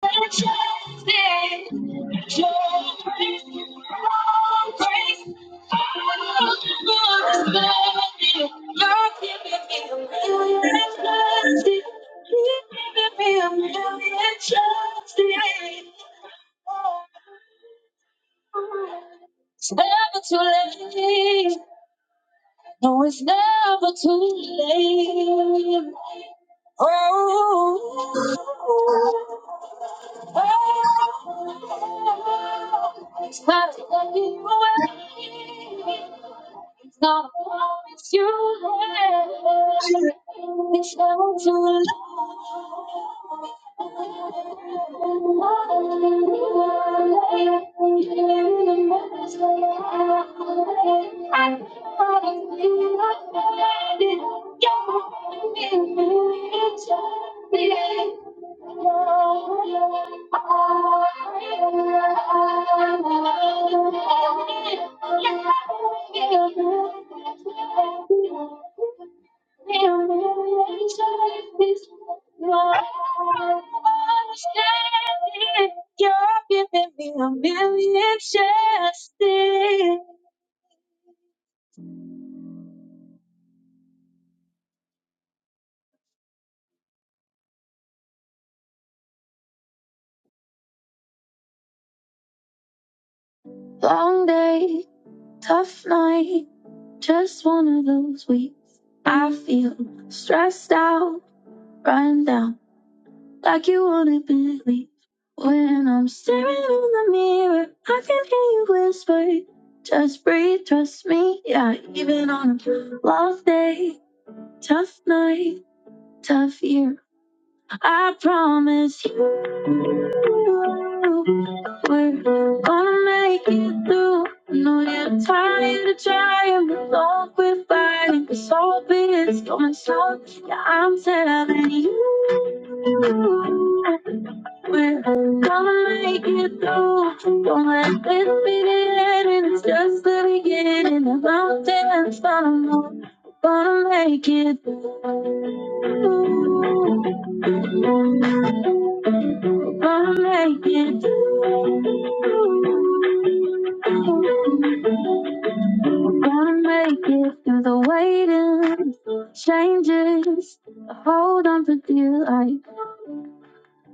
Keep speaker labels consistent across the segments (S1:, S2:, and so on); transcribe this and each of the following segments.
S1: It's never too late. No, it's never too late. Oh. It's time to let you away. It's not a promise you made. It's not to let Thank you. You're giving me a million chances. Long day, tough night, just one of those weeks. I feel stressed out, run down, like you wanna believe. When I'm staring in the mirror, I can hear you whisper, just breathe, trust me, yeah, even on a love day. Tough night, tough year. I promise you, we're gonna make it through. I know you're tired of trying, but don't quit fighting. Cause all of it is coming slow. Yeah, I'm telling you. We're gonna make it through. Don't let this be the end, and it's just the beginning. The mountains follow. We're gonna make it through. We're gonna make it through. We're gonna make it through the waiting, changes, hold on to dear life.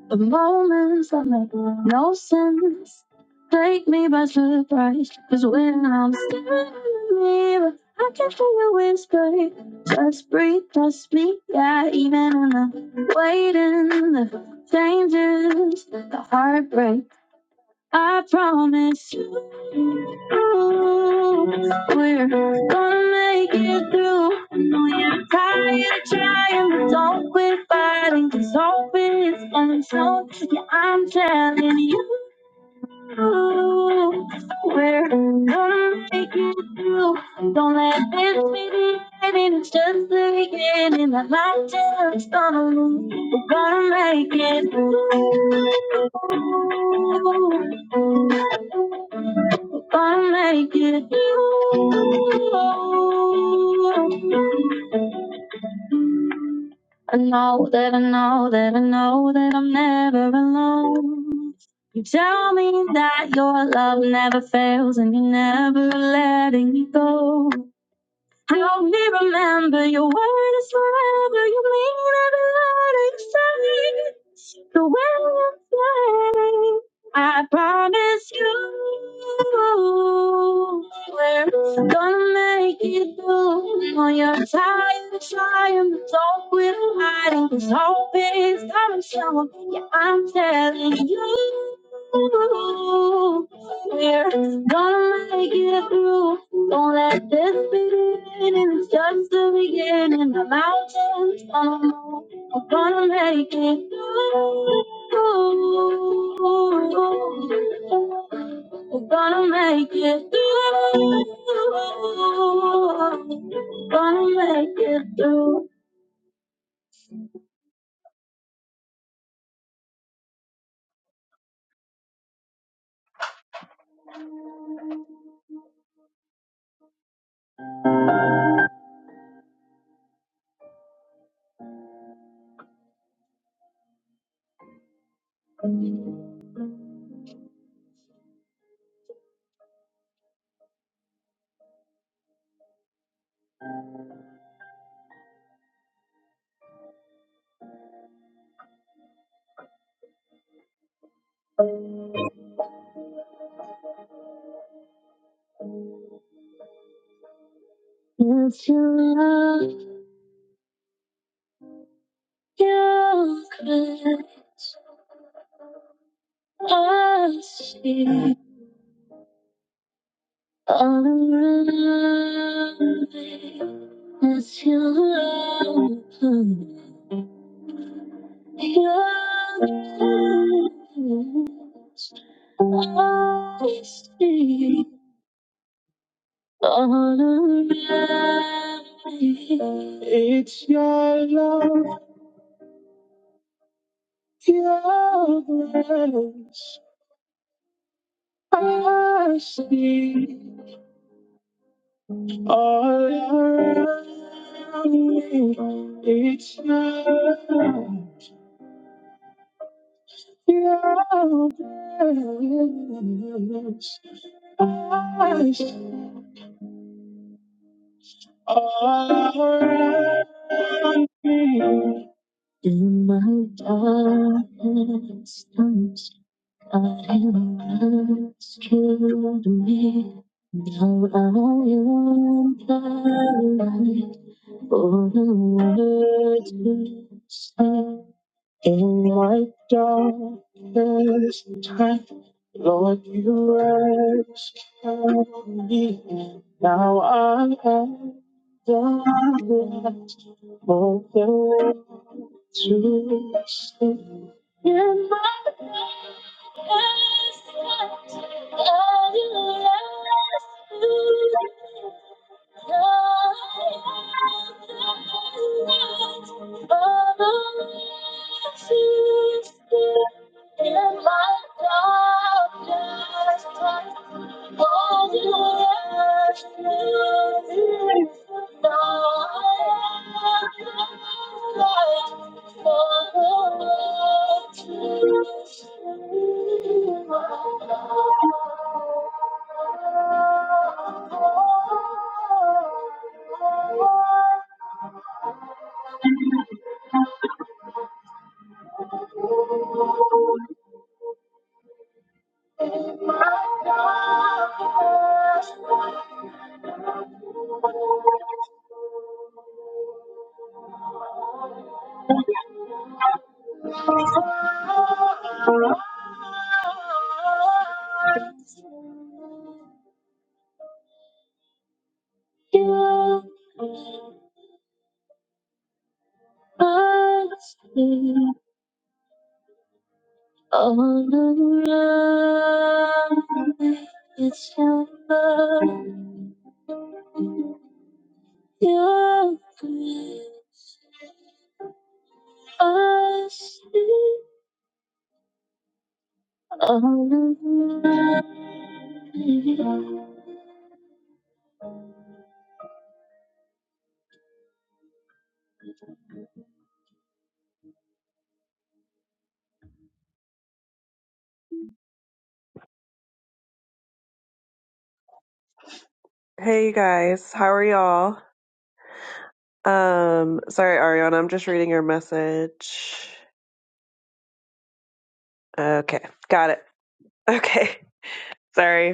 S1: The moments that make no sense take me by surprise. Cause when I'm staring in the mirror, I can hear you whisper, just breathe, just me. Yeah, even in the waiting, the changes, the heartbreak. I promise you, we're gonna make it through. I know you're tired of trying, but don't quit fighting, 'cause hope is untold. Yeah, I'm telling you through. We're gonna make it through. Don't let this be the ending. It's just the beginning. That light till it's gonna lose. We're gonna make it through. We're gonna make it through. I know that I know that I know that I'm never alone. You tell me that your love never fails and you're never letting me go. Help me remember your word is forever. You mean every word you say. The way I'm standing, I promise you, we're gonna make it through. When you're tired of trying, but don't quit hiding. 'cause hope is coming soon. Yeah, I'm telling you. We're gonna make it through. Don't let this be the ending. It's just the beginning. The mountains gonna move. We're gonna make it through. We're gonna make it through. We're gonna make it through. If you love your crutch, I see. All around me is your blue, your blue. I see all around me. It's your love, your grace. I see all around me. It's your love. In my darkest times, I am rescued me. Now I am the light for the world to see. In my darkest time, Lord, you rescued me. Now I am the last of the world to sing. In my darkest times, Thank you. I see all around me is your love, your grace. I see all around me. Hey you guys, how are y'all? Um, sorry, Ariana, I'm just reading your message. Okay, got it. Okay, sorry.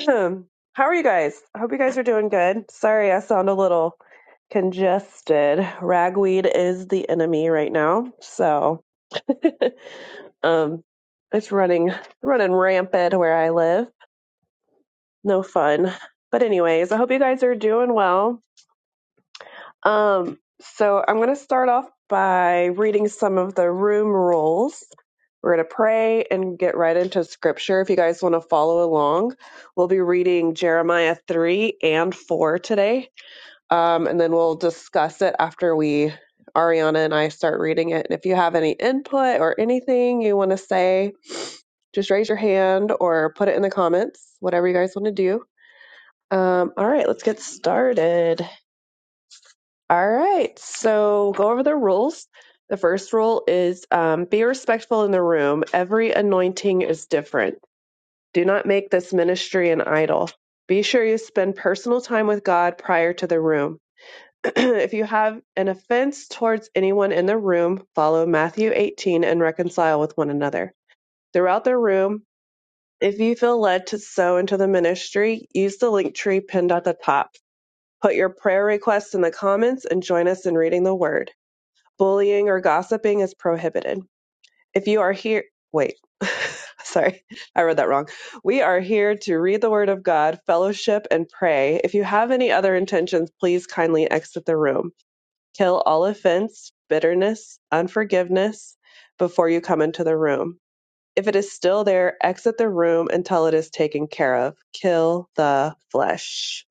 S1: How are you guys? I hope you guys are doing good. Sorry, I sound a little congested. Ragweed is the enemy right now, so um, it's running running rampant where I live. No fun. But anyways, I hope you guys are doing well. Um, so I'm going to start off by reading some of the room rules. We're going to pray and get right into scripture. If you guys want to follow along, we'll be reading Jeremiah 3 and 4 today. Um, and then we'll discuss it after we, Ariana and I, start reading it. And if you have any input or anything you want to say, just raise your hand or put it in the comments, whatever you guys want to do. Um, all right, let's get started. All right, so go over the rules. The first rule is um, be respectful in the room. Every anointing is different. Do not make this ministry an idol. Be sure you spend personal time with God prior to the room. if you have an offense towards anyone in the room, follow Matthew 18 and reconcile with one another. Throughout the room, if you feel led to sow into the ministry, use the link tree pinned at the top. Put your prayer requests in the comments and join us in reading the word. Bullying or gossiping is prohibited. If you are here, wait, sorry, I read that wrong. We are here to read the Word of God, fellowship, and pray. If you have any other intentions, please kindly exit the room. Kill all offense, bitterness, unforgiveness before you come into the room. If it is still there, exit the room until it is taken care of. Kill the flesh.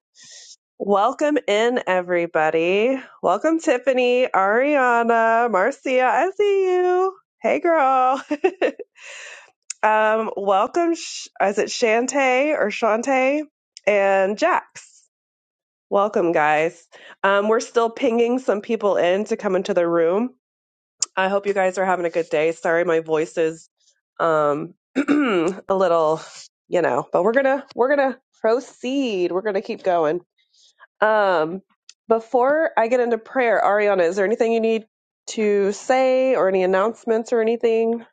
S1: Welcome in, everybody. Welcome, Tiffany, Ariana, Marcia. I see you. Hey, girl. um, welcome. Sh- Is it Shantae or Shantae and Jax? Welcome, guys. Um, we're still pinging some people in to come into the room. I hope you guys are having a good day. Sorry, my voice is um, a little, you know, but we're gonna we're gonna proceed. We're gonna keep going. Um, before I get into prayer, Ariana, is there anything you need to say or any announcements or anything?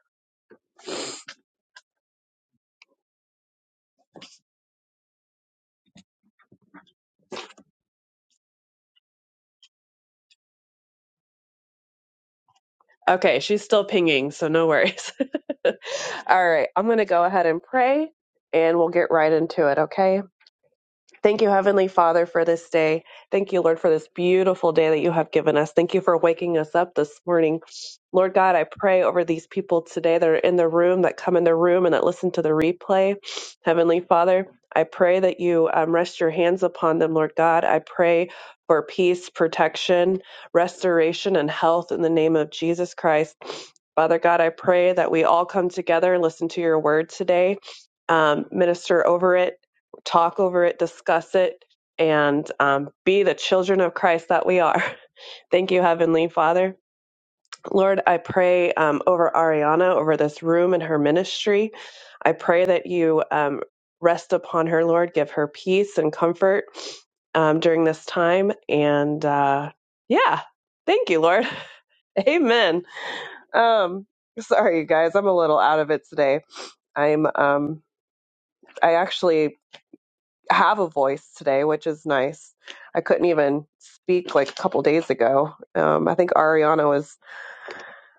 S1: Okay, she's still pinging, so no worries. All right, I'm going to go ahead and pray and we'll get right into it, okay? Thank you, Heavenly Father, for this day. Thank you, Lord, for this beautiful day that you have given us. Thank you for waking us up this morning. Lord God, I pray over these people today that are in the room, that come in the room, and that listen to the replay. Heavenly Father, I pray that you um, rest your hands upon them, Lord God. I pray for peace, protection, restoration, and health in the name of Jesus Christ. Father God, I pray that we all come together and listen to your word today um, minister over it talk over it, discuss it, and um, be the children of Christ that we are. Thank you, Heavenly Father. Lord, I pray um, over Ariana, over this room and her ministry. I pray that you um, rest upon her, Lord. Give her peace and comfort um, during this time. And uh, yeah, thank you, Lord. Amen. Um, sorry, you guys, I'm a little out of it today. I'm um, I actually have a voice today, which is nice. I couldn't even speak like a couple days ago. Um, I think Ariana was,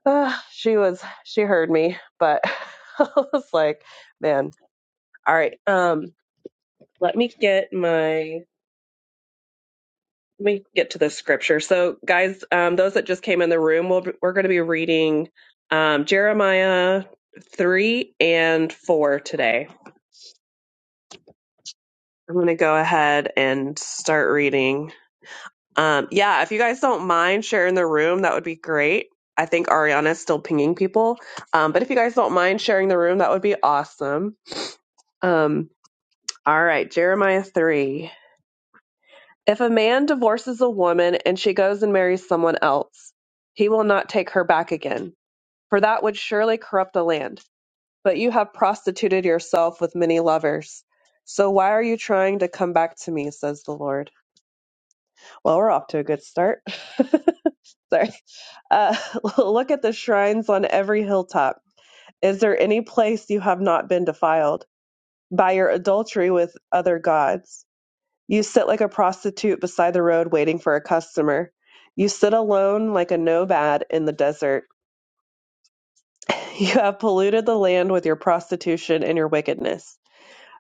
S1: uh, she was, she heard me, but I was like, man, all right. Um, let me get my, let me get to the scripture. So, guys, um, those that just came in the room, we'll, we're going to be reading um, Jeremiah 3 and 4 today. I'm going to go ahead and start reading. Um, yeah, if you guys don't mind sharing the room, that would be great. I think Ariana's still pinging people. Um, but if you guys don't mind sharing the room, that would be awesome. Um, all right, Jeremiah 3. If a man divorces a woman and she goes and marries someone else, he will not take her back again, for that would surely corrupt the land. But you have prostituted yourself with many lovers. So why are you trying to come back to me, says the Lord? Well, we're off to a good start. Sorry. Uh, look at the shrines on every hilltop. Is there any place you have not been defiled by your adultery with other gods? You sit like a prostitute beside the road waiting for a customer. You sit alone like a nomad in the desert. You have polluted the land with your prostitution and your wickedness.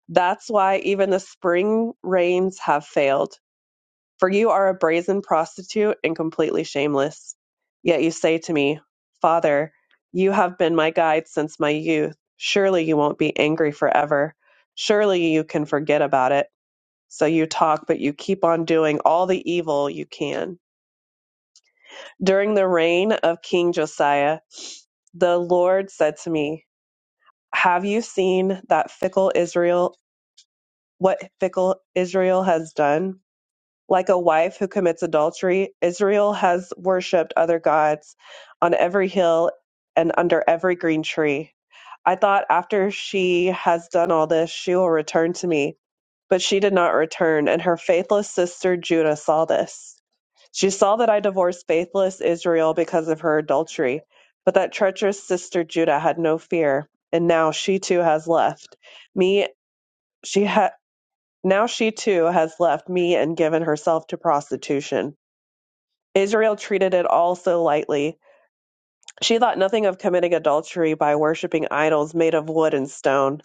S1: That's why even the spring rains have failed. For you are a brazen prostitute and completely shameless. Yet you say to me, Father, you have been my guide since my youth. Surely you won't be angry forever. Surely you can forget about it. So you talk, but you keep on doing all the evil you can. During the reign of King Josiah, the Lord said to me, Have you seen that fickle Israel, what fickle Israel has done? Like a wife who commits adultery, Israel has worshipped other gods on every hill and under every green tree. I thought after she has done all this, she will return to me. But she did not return, and her faithless sister Judah saw this. She saw that I divorced faithless Israel because of her adultery, but that treacherous sister Judah had no fear, and now she too has left me. She had. Now she too has left me and given herself to prostitution. Israel treated it all so lightly. She thought nothing of committing adultery by worshiping idols made of wood and stone.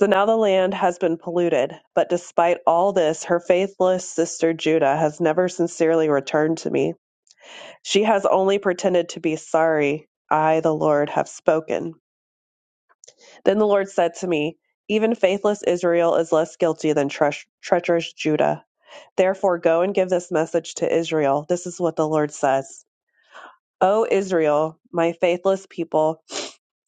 S1: So now the land has been polluted. But despite all this, her faithless sister Judah has never sincerely returned to me. She has only pretended to be sorry. I, the Lord, have spoken. Then the Lord said to me, Even faithless Israel is less guilty than tre- treacherous Judah. Therefore, go and give this message to Israel. This is what the Lord says O Israel, my faithless people,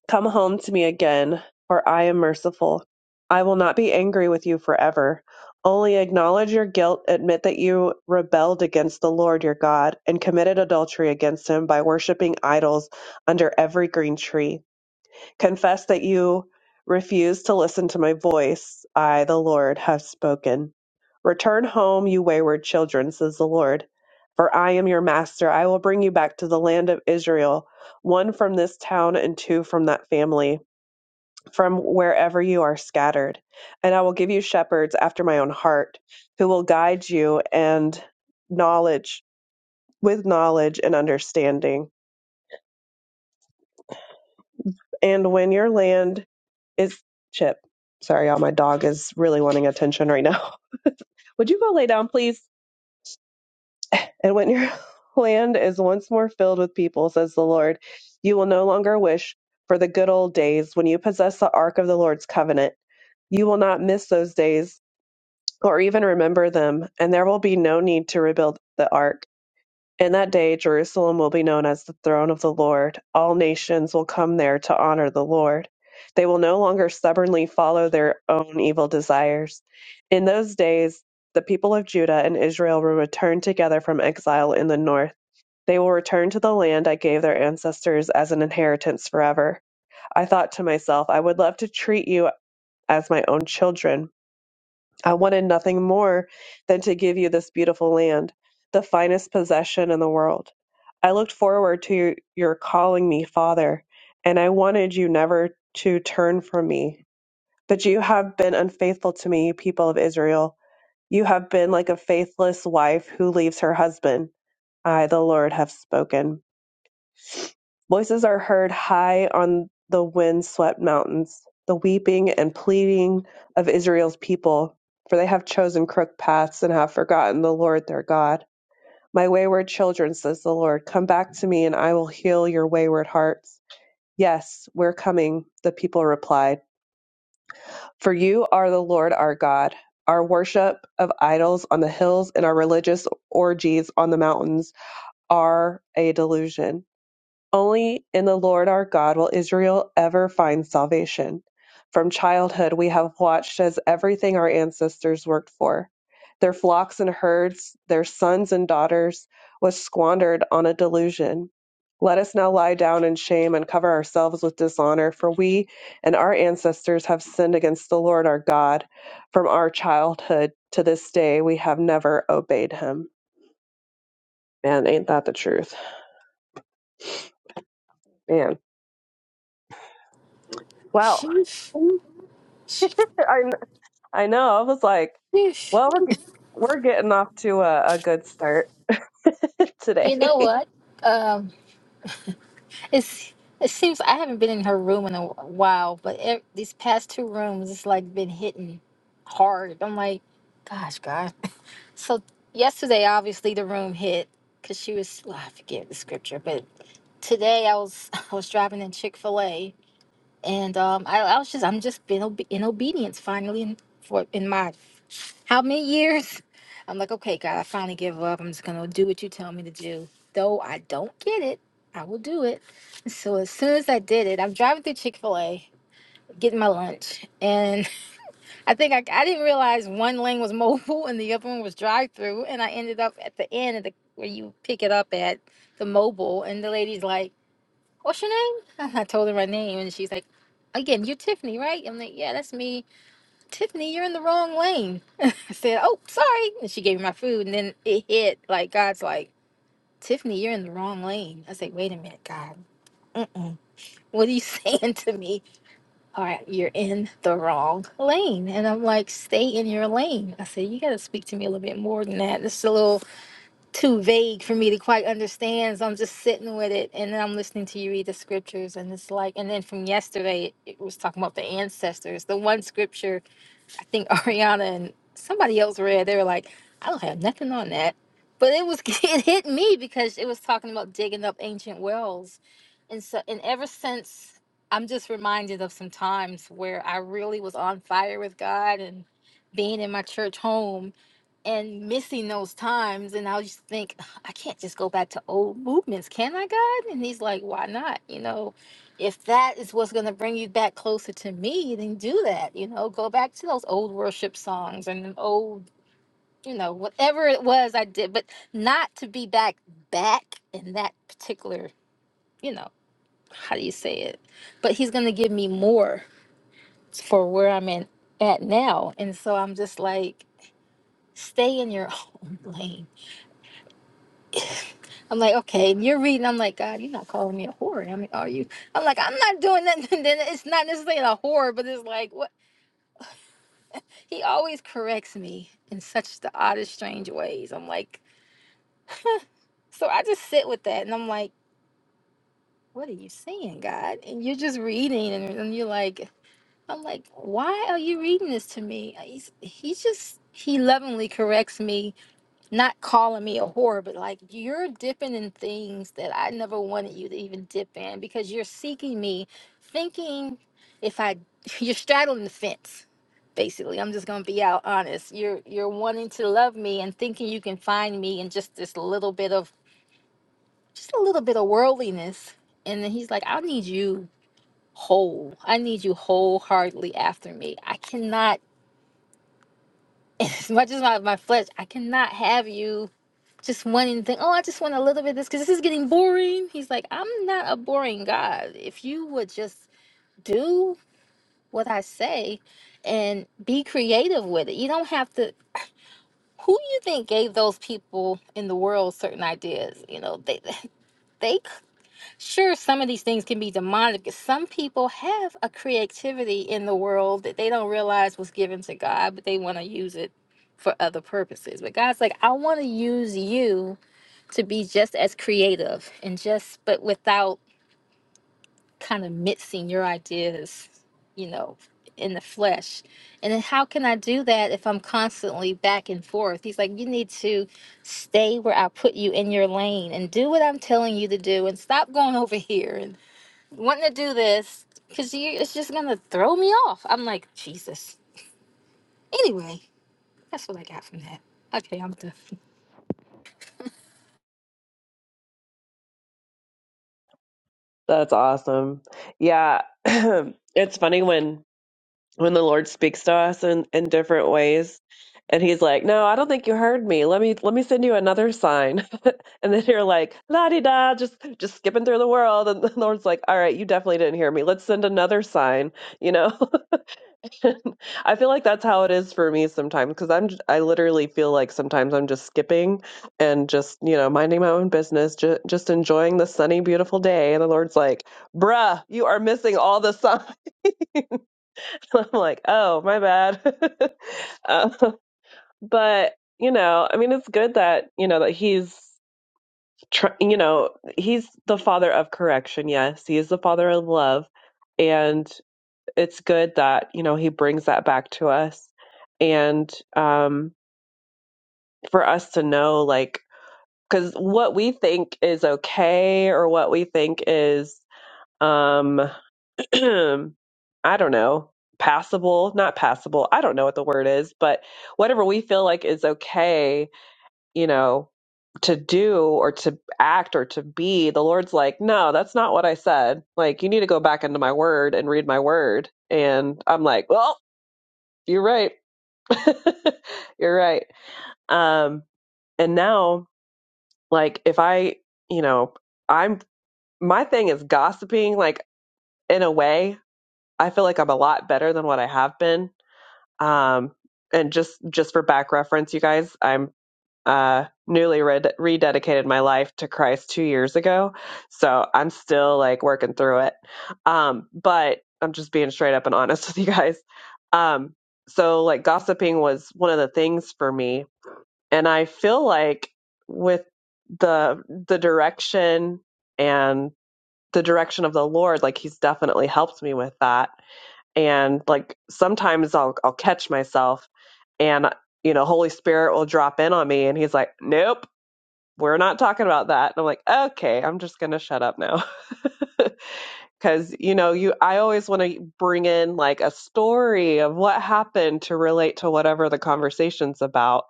S1: come home to me again, for I am merciful. I will not be angry with you forever. Only acknowledge your guilt, admit that you rebelled against the Lord your God, and committed adultery against him by worshiping idols under every green tree confess that you refuse to listen to my voice. I, the Lord, have spoken. Return home, you wayward children, says the Lord. For I am your master. I will bring you back to the land of Israel, one from this town and two from that family, from wherever you are scattered. And I will give you shepherds after my own heart, who will guide you and knowledge with knowledge and understanding. And when your land It's Chip. Sorry, y'all. My dog is really wanting attention right now. Would you go lay down, please? And when your land is once more filled with people, says the Lord, you will no longer wish for the good old days when you possess the ark of the Lord's covenant. You will not miss those days or even remember them, and there will be no need to rebuild the ark. In that day, Jerusalem will be known as the throne of the Lord. All nations will come there to honor the Lord. They will no longer stubbornly follow their own evil desires. In those days, the people of Judah and Israel will return together from exile in the north. They will return to the land I gave their ancestors as an inheritance forever. I thought to myself, I would love to treat you as my own children I wanted nothing more than to give you this beautiful land, the finest possession in the world. I looked forward to your, your calling me father, and I wanted you never to turn from me. But you have been unfaithful to me, you people of Israel. You have been like a faithless wife who leaves her husband. I, the Lord, have spoken. Voices are heard high on the wind swept mountains, the weeping and pleading of Israel's people, for they have chosen crooked paths and have forgotten the Lord their God. My wayward children, says the Lord, come back to me and I will heal your wayward hearts. Yes, we're coming, the people replied. For you are the Lord our God. Our worship of idols on the hills and our religious orgies on the mountains are a delusion. Only in the Lord our God will Israel ever find salvation. From childhood, we have watched as everything our ancestors worked for their flocks and herds, their sons and daughters was squandered on a delusion. Let us now lie down in shame and cover ourselves with dishonor, for we and our ancestors have sinned against the Lord our God. From our childhood to this day, we have never obeyed him. Man, ain't that the truth? Man. Wow.
S2: Sheesh.
S1: I I know. I was like,
S2: Sheesh.
S1: well, we're, we're getting off to a, a good start
S2: You
S1: today.
S2: know what? Um, it's it seems I haven't been in her room in a while, but e these past two rooms, it's like been hitting hard. I'm like, gosh, God. So yesterday, obviously, the room hit because she was. Well, I forget the scripture, but today I was I was driving in Chick Fil A, and um, I, I was just I'm just being obe- in obedience finally in for in my How many years? I'm like, okay, God, I finally give up. I'm just gonna do what you tell me to do. Though I don't get it, I will do it. So as soon as I did it, I'm driving through Chick Fil A, getting my lunch, and I think I, I didn't realize one lane was mobile and the other one was drive-through, and I ended up at the end of the where you pick it up at the mobile, and the lady's like, "What's your name?" I told her my name, and she's like, "Again, you're Tiffany, right?" I'm like, "Yeah, that's me." Tiffany, you're in the wrong lane. I said, Oh, sorry. And she gave me my food. And then it hit like, God's like, Tiffany, you're in the wrong lane. I said, Wait a minute, God. Mm-mm. What are you saying to me? All right, you're in the wrong lane. And I'm like, Stay in your lane. I said, You got to speak to me a little bit more than that. This is a little too vague for me to quite understand. So I'm just sitting with it. And then I'm listening to you read the scriptures. And it's like, and then from yesterday, it was talking about the ancestors. The one scripture I think Ariana and somebody else read. They were like, I don't have nothing on that. But it was it hit me because it was talking about digging up ancient wells. And so and ever since I'm just reminded of some times where I really was on fire with God and being in my church home and missing those times and i just think i can't just go back to old movements can i god and he's like why not you know if that is what's going to bring you back closer to me then do that you know go back to those old worship songs and them old you know whatever it was i did but not to be back back in that particular you know how do you say it but he's going to give me more for where i'm in at now and so i'm just like stay in your own lane I'm like, okay, and you're reading. I'm like, God, you're not calling me a whore. I mean, are you? I'm like, I'm not doing that. And then it's not necessarily a whore, but it's like, what? He always corrects me in such the oddest, strange ways. I'm like, so I just sit with that, and I'm like, what are you saying, God? And you're just reading, and, and you're like, I'm like, why are you reading this to me? He's, he's just he lovingly corrects me not calling me a whore, but like you're dipping in things that I never wanted you to even dip in because you're seeking me, thinking if I you're straddling the fence. Basically, I'm just gonna be out honest. You're you're wanting to love me and thinking you can find me in just this little bit of just a little bit of worldliness. And then he's like, I need you whole. I need you wholeheartedly after me. I cannot as much as my, my flesh, I cannot have you just wanting to think, oh, I just want a little bit of this because this is getting boring. He's like, I'm not a boring God. If you would just do what I say and be creative with it, you don't have to. Who you think gave those people in the world certain ideas? You know, they. They sure some of these things can be demonic. Some people have a creativity in the world that they don't realize was given to God, but they want to use it for other purposes. But God's like, I want to use you to be just as creative and just but without kind of mixing your ideas you know in the flesh and then how can i do that if i'm constantly back and forth he's like you need to stay where i put you in your lane and do what i'm telling you to do and stop going over here and wanting to do this because you it's just gonna throw me off i'm like jesus anyway that's what i got from that okay i'm done
S1: That's awesome. Yeah. it's funny when when the Lord speaks to us in, in different ways and he's like, No, I don't think you heard me. Let me let me send you another sign. And then you're like, la di da, just just skipping through the world. And the Lord's like, All right, you definitely didn't hear me. Let's send another sign, you know? I feel like that's how it is for me sometimes because I'm j- I literally feel like sometimes I'm just skipping and just you know minding my own business, ju- just enjoying the sunny, beautiful day, and the Lord's like, "Bruh, you are missing all the sun." I'm like, "Oh, my bad," Uh, but you know, I mean, it's good that you know that He's tr- you know He's the Father of correction. Yes, He is the Father of love, and. it's good that you know he brings that back to us and um for us to know like because what we think is okay or what we think is um i don't know passable not passable i don't know what the word is but whatever we feel like is okay you know to do or to act or to be the lord's like no that's not what i said like you need to go back into my word and read my word and i'm like well you're right You're right. Um, and now, like, if I, you know, I'm my thing is gossiping. Like, in a way, I feel like I'm a lot better than what I have been. Um, and just just for back reference, you guys, I'm uh newly red- rededicated my life to Christ two years ago, so I'm still like working through it. Um, but I'm just being straight up and honest with you guys. Um, so like gossiping was one of the things for me and I feel like with the the direction and the direction of the Lord, like He's definitely helped me with that. And like sometimes I'll I'll catch myself, and you know, Holy Spirit will drop in on me, and He's like, "Nope." We're not talking about that. And I'm like, okay, I'm just going to shut up now. Cause you know, you, I always want to bring in like a story of what happened to relate to whatever the conversation's about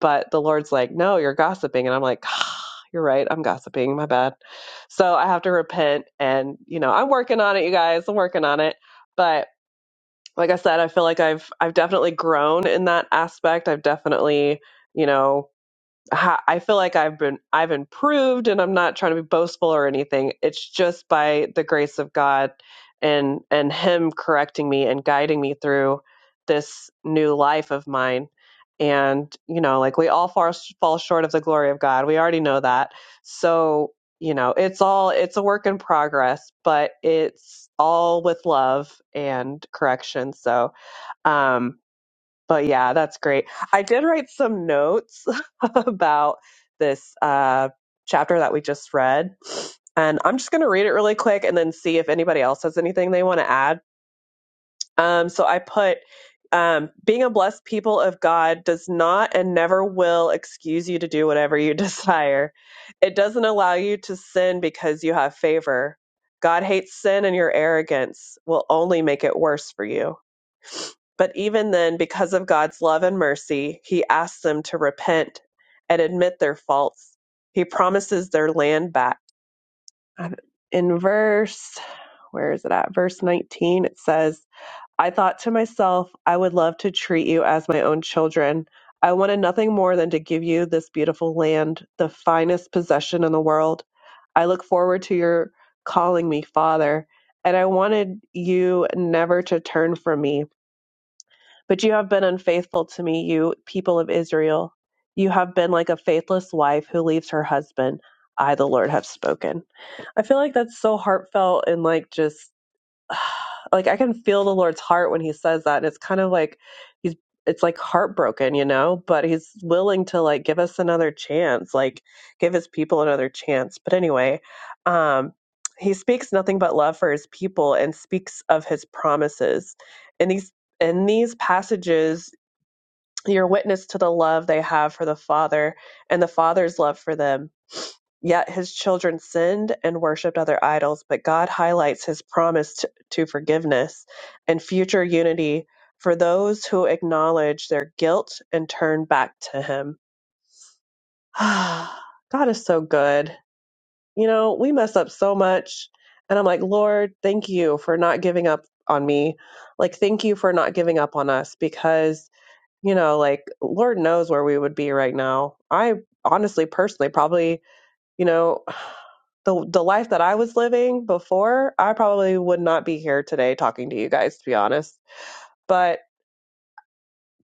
S1: But the Lord's like, no, you're gossiping. And I'm like, ah, you're right. I'm gossiping. My bad. So I have to repent. And, you know, I'm working on it, you guys. I'm working on it. But like I said, I feel like I've, I've definitely grown in that aspect. I've definitely, you know, ha- I feel like I've been I've improved and I'm not trying to be boastful or anything. It's just by the grace of God and and him correcting me and guiding me through this new life of mine. And you know, like we all fall fall short of the glory of God. We already know that. So, you know, it's all it's a work in progress, but it's all with love and correction. So, um but yeah, that's great. I did write some notes about this uh, chapter that we just read. And I'm just going to read it really quick and then see if anybody else has anything they want to add. Um, so I put um, being a blessed people of God does not and never will excuse you to do whatever you desire. It doesn't allow you to sin because you have favor. God hates sin and your arrogance will only make it worse for you. But even then, because of God's love and mercy, he asks them to repent and admit their faults. He promises their land back. In verse, where is it at? Verse 19, it says, I thought to myself, I would love to treat you as my own children. I wanted nothing more than to give you this beautiful land, the finest possession in the world. I look forward to your calling me father, and I wanted you never to turn from me. But you have been unfaithful to me, you people of Israel. You have been like a faithless wife who leaves her husband. I, the Lord, have spoken. I feel like that's so heartfelt and like just like I can feel the Lord's heart when he says that. And it's kind of like he's, it's like heartbroken, you know, but he's willing to like give us another chance, like give his people another chance. But anyway, um, he speaks nothing but love for his people and speaks of his promises. And these in these passages you're witness to the love they have for the Father and the Father's love for them. Yet his children sinned and worshiped other idols, but God highlights his promise to, to forgiveness and future unity for those who acknowledge their guilt and turn back to him. God is so good. You know, we mess up so much. And I'm like, Lord, thank you for not giving up on me. Like, thank you for not giving up on us because you know, like Lord knows where we would be right now. I honestly, personally, probably, you know, the the life that I was living before, I probably would not be here today talking to you guys, to be honest. But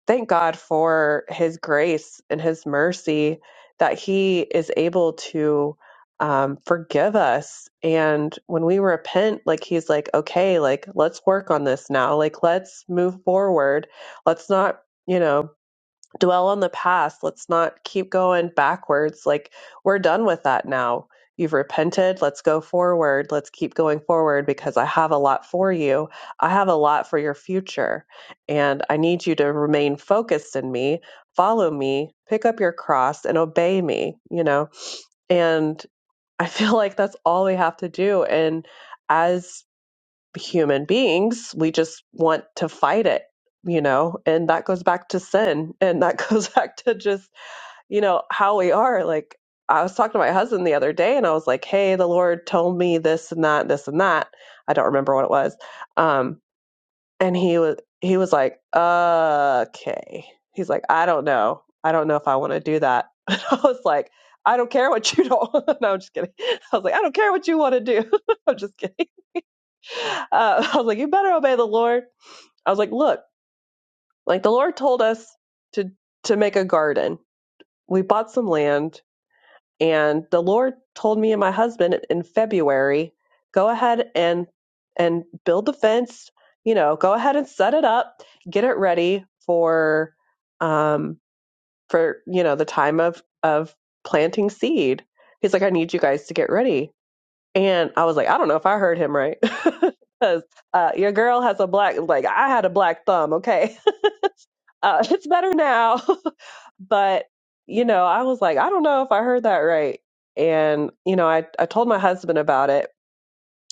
S1: thank God for His grace and His mercy that He is able to um, forgive us. And when we repent, like He's like, okay, like let's work on this now. Like let's move forward. Let's not. You know, dwell on the past. Let's not keep going backwards. Like, we're done with that now. You've repented. Let's go forward. Let's keep going forward because I have a lot for you. I have a lot for your future. And I need you to remain focused in me, follow me, pick up your cross, and obey me, you know? And I feel like that's all we have to do. And as human beings, we just want to fight it, you know, and that goes back to sin and that goes back to just, you know, how we are. Like, I was talking to my husband the other day and I was like, hey, the Lord told me this and that, this and that. I don't remember what it was. Um, and he was, he was like, okay. He's like, I don't know. I don't know if I want to do that. And I was like, I don't care what you don't. no, I'm just kidding. I was like, I don't care what you want to do. I'm just kidding Uh, I was like, you better obey the Lord. I was like, look, like the Lord told us to to make a garden. We bought some land, and the Lord told me and my husband in February, go ahead and and build the fence. You know, go ahead and set it up, get it ready for um for you know the time of of planting seed. He's like, I need you guys to get ready and I was like, I don't know if I heard him right. Because uh, your girl has a black, like, I had a black thumb. Okay. Uh, it's better now. but, you know, I was like, I don't know if I heard that right. And, you know, I, I told my husband about it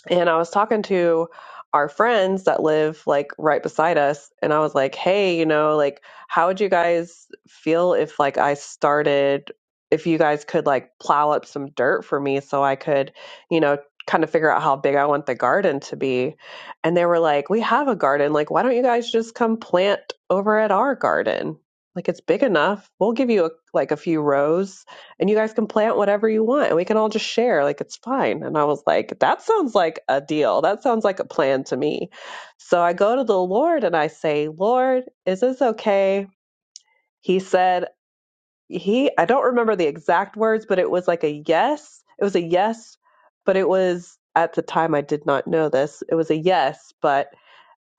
S1: and I was talking to our friends that live like right beside us. And I was like, hey, you know, like, how would you guys feel if like I started, if you guys could like plow up some dirt for me so I could, you know, kind of figure out how big I want the garden to be? And they were like, we have a garden. Like, why don't you guys just come plant over at our garden? Like, it's big enough. We'll give you a, like a few rows and you guys can plant whatever you want and we can all just share like it's fine and i was like that sounds like a deal that sounds like a plan to me so i go to the lord and i say lord is this okay he said he i don't remember the exact words but it was like a yes it was a yes but it was at the time i did not know this it was a yes but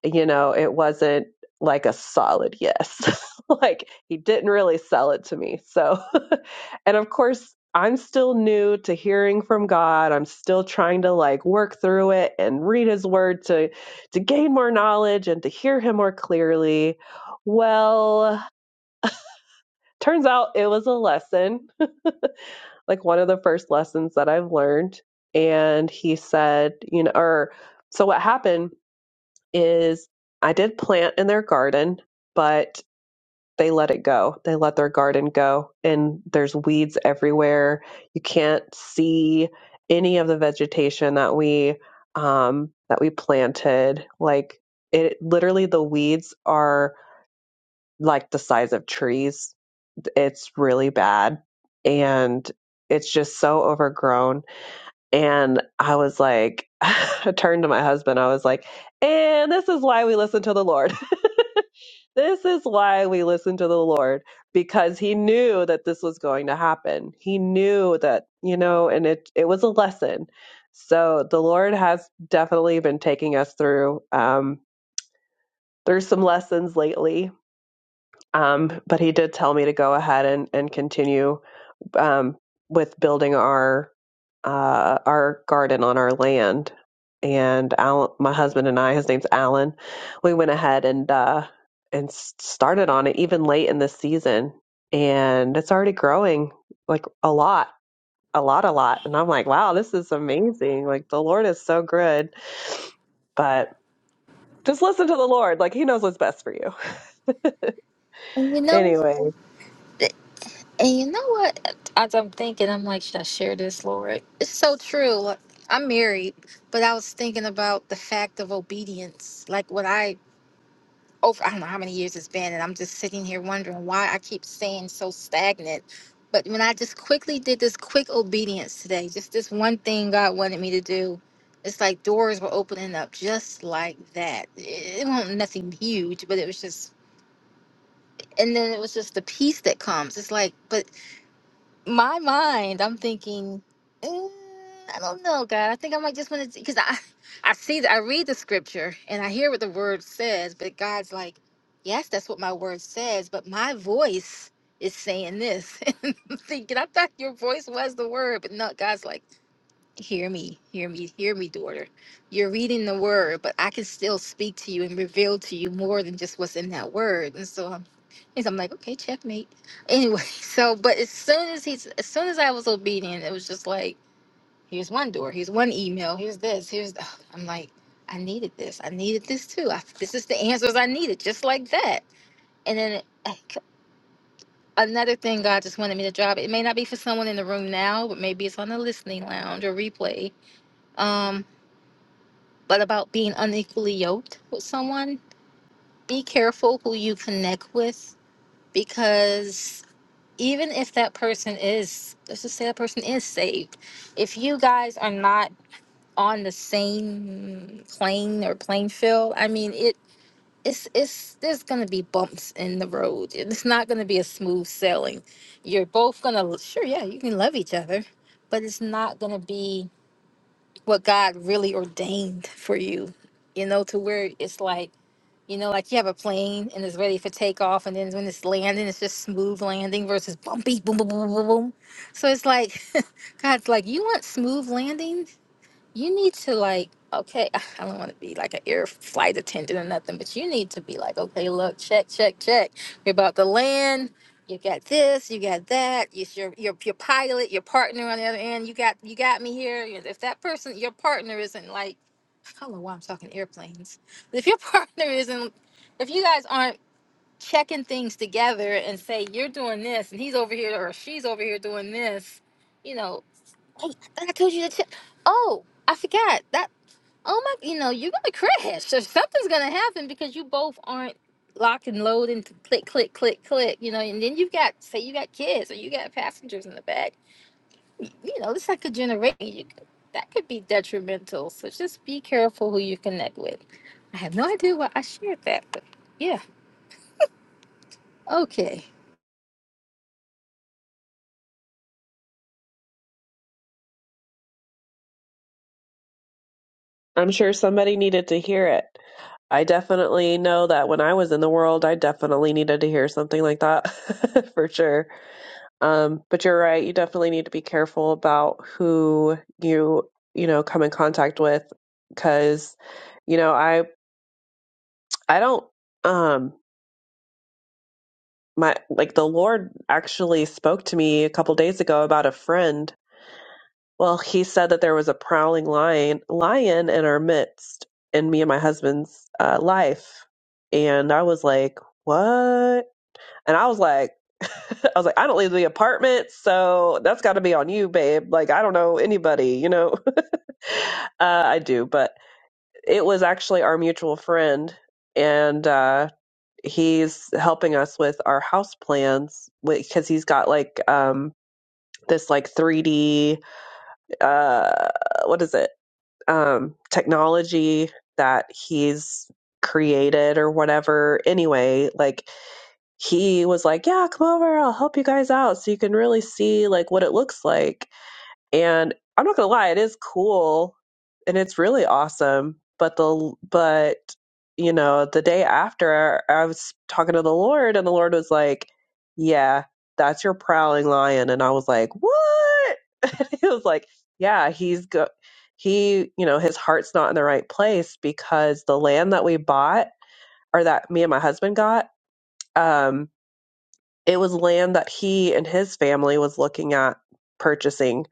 S1: you know it wasn't like a solid yes like he didn't really sell it to me so and of course, I'm still new to hearing from God. I'm still trying to like work through it and read his word to to gain more knowledge and to hear him more clearly. Well, turns out it was a lesson, like one of the first lessons that I've learned. And he said, you know, or so what happened is I did plant in their garden, but they let it go. They let their garden go, and there's weeds everywhere. You can't see any of the vegetation that we um, that we planted. Like it, literally, the weeds are like the size of trees. It's really bad, and it's just so overgrown. And I was like, I turned to my husband. I was like, and this is why we listen to the Lord. This is why we listen to the Lord because he knew that this was going to happen. He knew that, you know, and it it was a lesson. So the Lord has definitely been taking us through um through some lessons lately. Um but he did tell me to go ahead and and continue um, with building our uh, our garden on our land. And Alan, my husband and I, his name's Alan, we went ahead and uh, and started on it even late in the season, and it's already growing like a lot, a lot, a lot. And I'm like, wow, this is amazing! Like the Lord is so good, but. Just listen to the Lord. Like, He knows what's best for you.
S2: and you know
S1: Anyway,
S2: And you know what? As I'm thinking, I'm like, should I share this, Lord? It's so true. Like, I'm married, but I was thinking about the fact of obedience. Like what I over I don't know how many years it's been, and I'm just sitting here wondering why I keep staying so stagnant. But when I just quickly did this quick obedience today, just this one thing God wanted me to do, it's like doors were opening up just like that. It, it wasn't nothing huge, but it was just, and then it was just the peace that comes. It's like, but my mind, I'm thinking, "Mm, I don't know, God. I think I might just want to, because I, I see, the, I read the scripture and I hear what the word says, but God's like, yes, that's what my word says, but my voice is saying this. And I'm thinking, I thought your voice was the word, but no, God's like, hear me, hear me, hear me, daughter. You're reading the word, but I can still speak to you and reveal to you more than just what's in that word. And so I'm He's, I'm like, okay, checkmate. Anyway, so but as soon as he's as soon as I was obedient, it was just like, here's one door, here's one email, here's this, here's th- I'm like, I needed this, I needed this too. I, this is the answers I needed, just like that. And then like, another thing God just wanted me to drop. It may not be for someone in the room now, but maybe it's on the listening lounge or replay. Um, but about being unequally yoked with someone, be careful who you connect with because even if that person is let's just say that person is saved if you guys are not on the same plane or plane field i mean it it's it's there's gonna be bumps in the road it's not gonna be a smooth sailing you're both gonna sure yeah you can love each other but it's not gonna be what god really ordained for you you know to where it's like you know, like you have a plane and it's ready for takeoff, and then when it's landing, it's just smooth landing versus bumpy, boom, boom, boom, boom, boom. So it's like, God's like, you want smooth landing? You need to like, okay, I don't want to be like an air flight attendant or nothing, but you need to be like, okay, look, check, check, check. You're about to land. You got this, you got that. It's your your your pilot, your partner on the other end. You got you got me here. If that person, your partner isn't like I don't know why I'm talking airplanes. But if your partner isn't, if you guys aren't checking things together and say you're doing this and he's over here or she's over here doing this, you know, hey, I thought I told you to check. Oh, I forgot that. Oh my, you know, you're gonna crash. So something's gonna happen because you both aren't locked and loaded. and click, click, click, click. You know, and then you've got say you got kids or you got passengers in the back you know, it's like a generation. You could, that could be detrimental. So just be careful who you connect with. I have no idea why I shared that, but yeah. Okay.
S1: I'm sure somebody needed to hear it. I definitely know that when I was in the world, I definitely needed to hear something like that for sure. Um, but you're right. You definitely need to be careful about who you, you know, come in contact with because, you know, I, I don't, um, my, like the Lord actually spoke to me a couple days ago about a friend. Well, he said that there was a prowling lion, lion in our midst in me and my husband's uh, life. And I was like, what? And I was like, I was like, I don't leave the apartment, so that's got to be on you, babe. Like, I don't know anybody, you know. uh, I do, but it was actually our mutual friend, and uh, he's helping us with our house plans because he's got like um, this like 3D, uh, what is it, um, technology that he's created or whatever. Anyway, like he was like, "Yeah, come over. I'll help you guys out so you can really see like what it looks like." And I'm not going to lie, it is cool and it's really awesome, but the but you know, the day after I was talking to the Lord and the Lord was like, "Yeah, that's your prowling lion." And I was like, "What?" And he was like, "Yeah, he's go he, you know, his heart's not in the right place because the land that we bought or that me and my husband got um." it was land that he and his family was looking at purchasing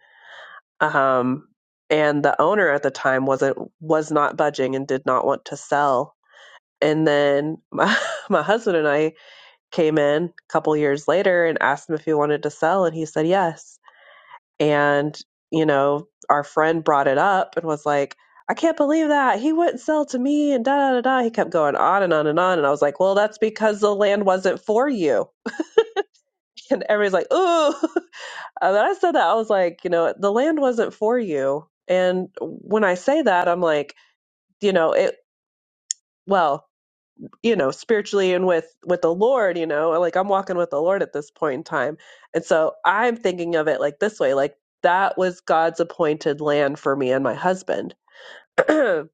S1: um and the owner at the time wasn't was not budging and did not want to sell and then my, my husband and I came in a couple years later and asked him if he wanted to sell and he said yes and you know our friend brought it up and was like I can't believe that he wouldn't sell to me and da da da da. He kept going on and on and on, and I was like, "Well, that's because the land wasn't for you." And everybody's like, "Ooh!" Uh, But I said that I was like, you know, the land wasn't for you. And when I say that, I'm like, you know, it well, you know, spiritually and with with the Lord, you know, like I'm walking with the Lord at this point in time. And so I'm thinking of it like this way, like that was God's appointed land for me and my husband. and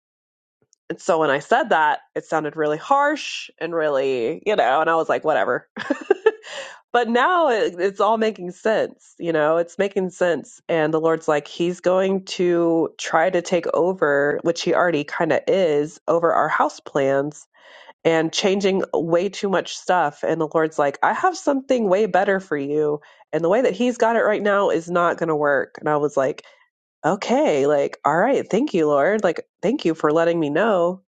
S1: so when I said that, it sounded really harsh and really, you know, and I was like, whatever but now it, it's all making sense you know it's making sense and the lord's like he's going to try to take over which he already kind of is over our house plans and changing way too much stuff and the lord's like i have something way better for you and the way that he's got it right now is not going to work and i was like okay like all right thank you lord like thank you for letting me know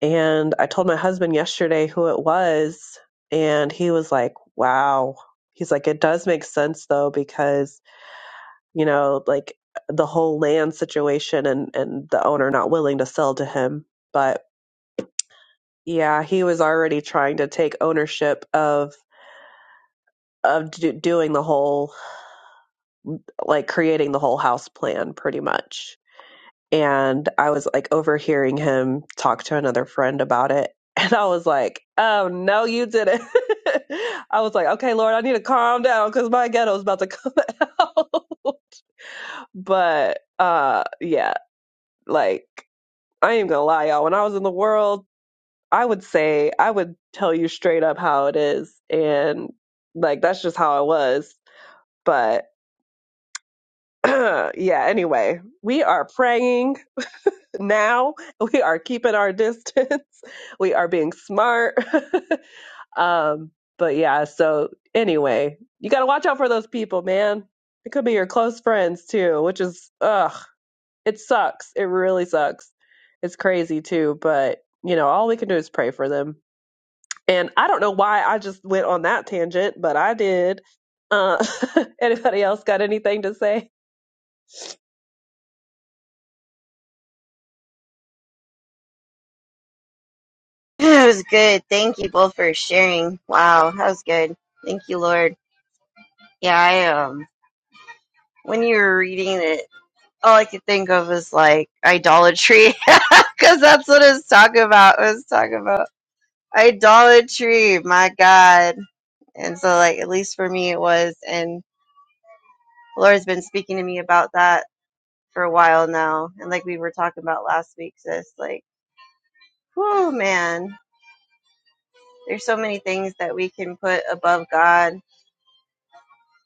S1: and I told my husband yesterday who it was, and he was like, wow. He's like, it does make sense though, because, you know, like the whole land situation and, and the owner not willing to sell to him. But yeah, he was already trying to take ownership of of do doing the whole like creating the whole house plan pretty much and I was like overhearing him talk to another friend about it. And I was like, oh no, you didn't. I was like, okay, Lord, I need to calm down because my ghetto is about to come out. but uh yeah, like I ain't gonna lie, y'all. When I was in the world, I would say I would tell you straight up how it is. And like that's just how I was. But yeah, anyway, we are praying now. We are keeping our distance. We are being smart. Um, but yeah, so anyway, you got to watch out for those people, man. It could be your close friends too, which is, ugh, it sucks. It really sucks. It's crazy too, but you know, all we can do is pray for them. And I don't know why I just went on that tangent, but I did. Uh, anybody else got anything to say?
S3: It was good. Thank you both for sharing. Wow, that was good. Thank you, Lord. Yeah, I um when you were reading it, all I could think of was like idolatry, because that's what it's talking about. It was talking about idolatry. My God. And so, like, at least for me, it was. And the Lord's been speaking to me about that for a while now. And like we were talking about last week, sis, like, whoo, man, there's so many things that we can put above God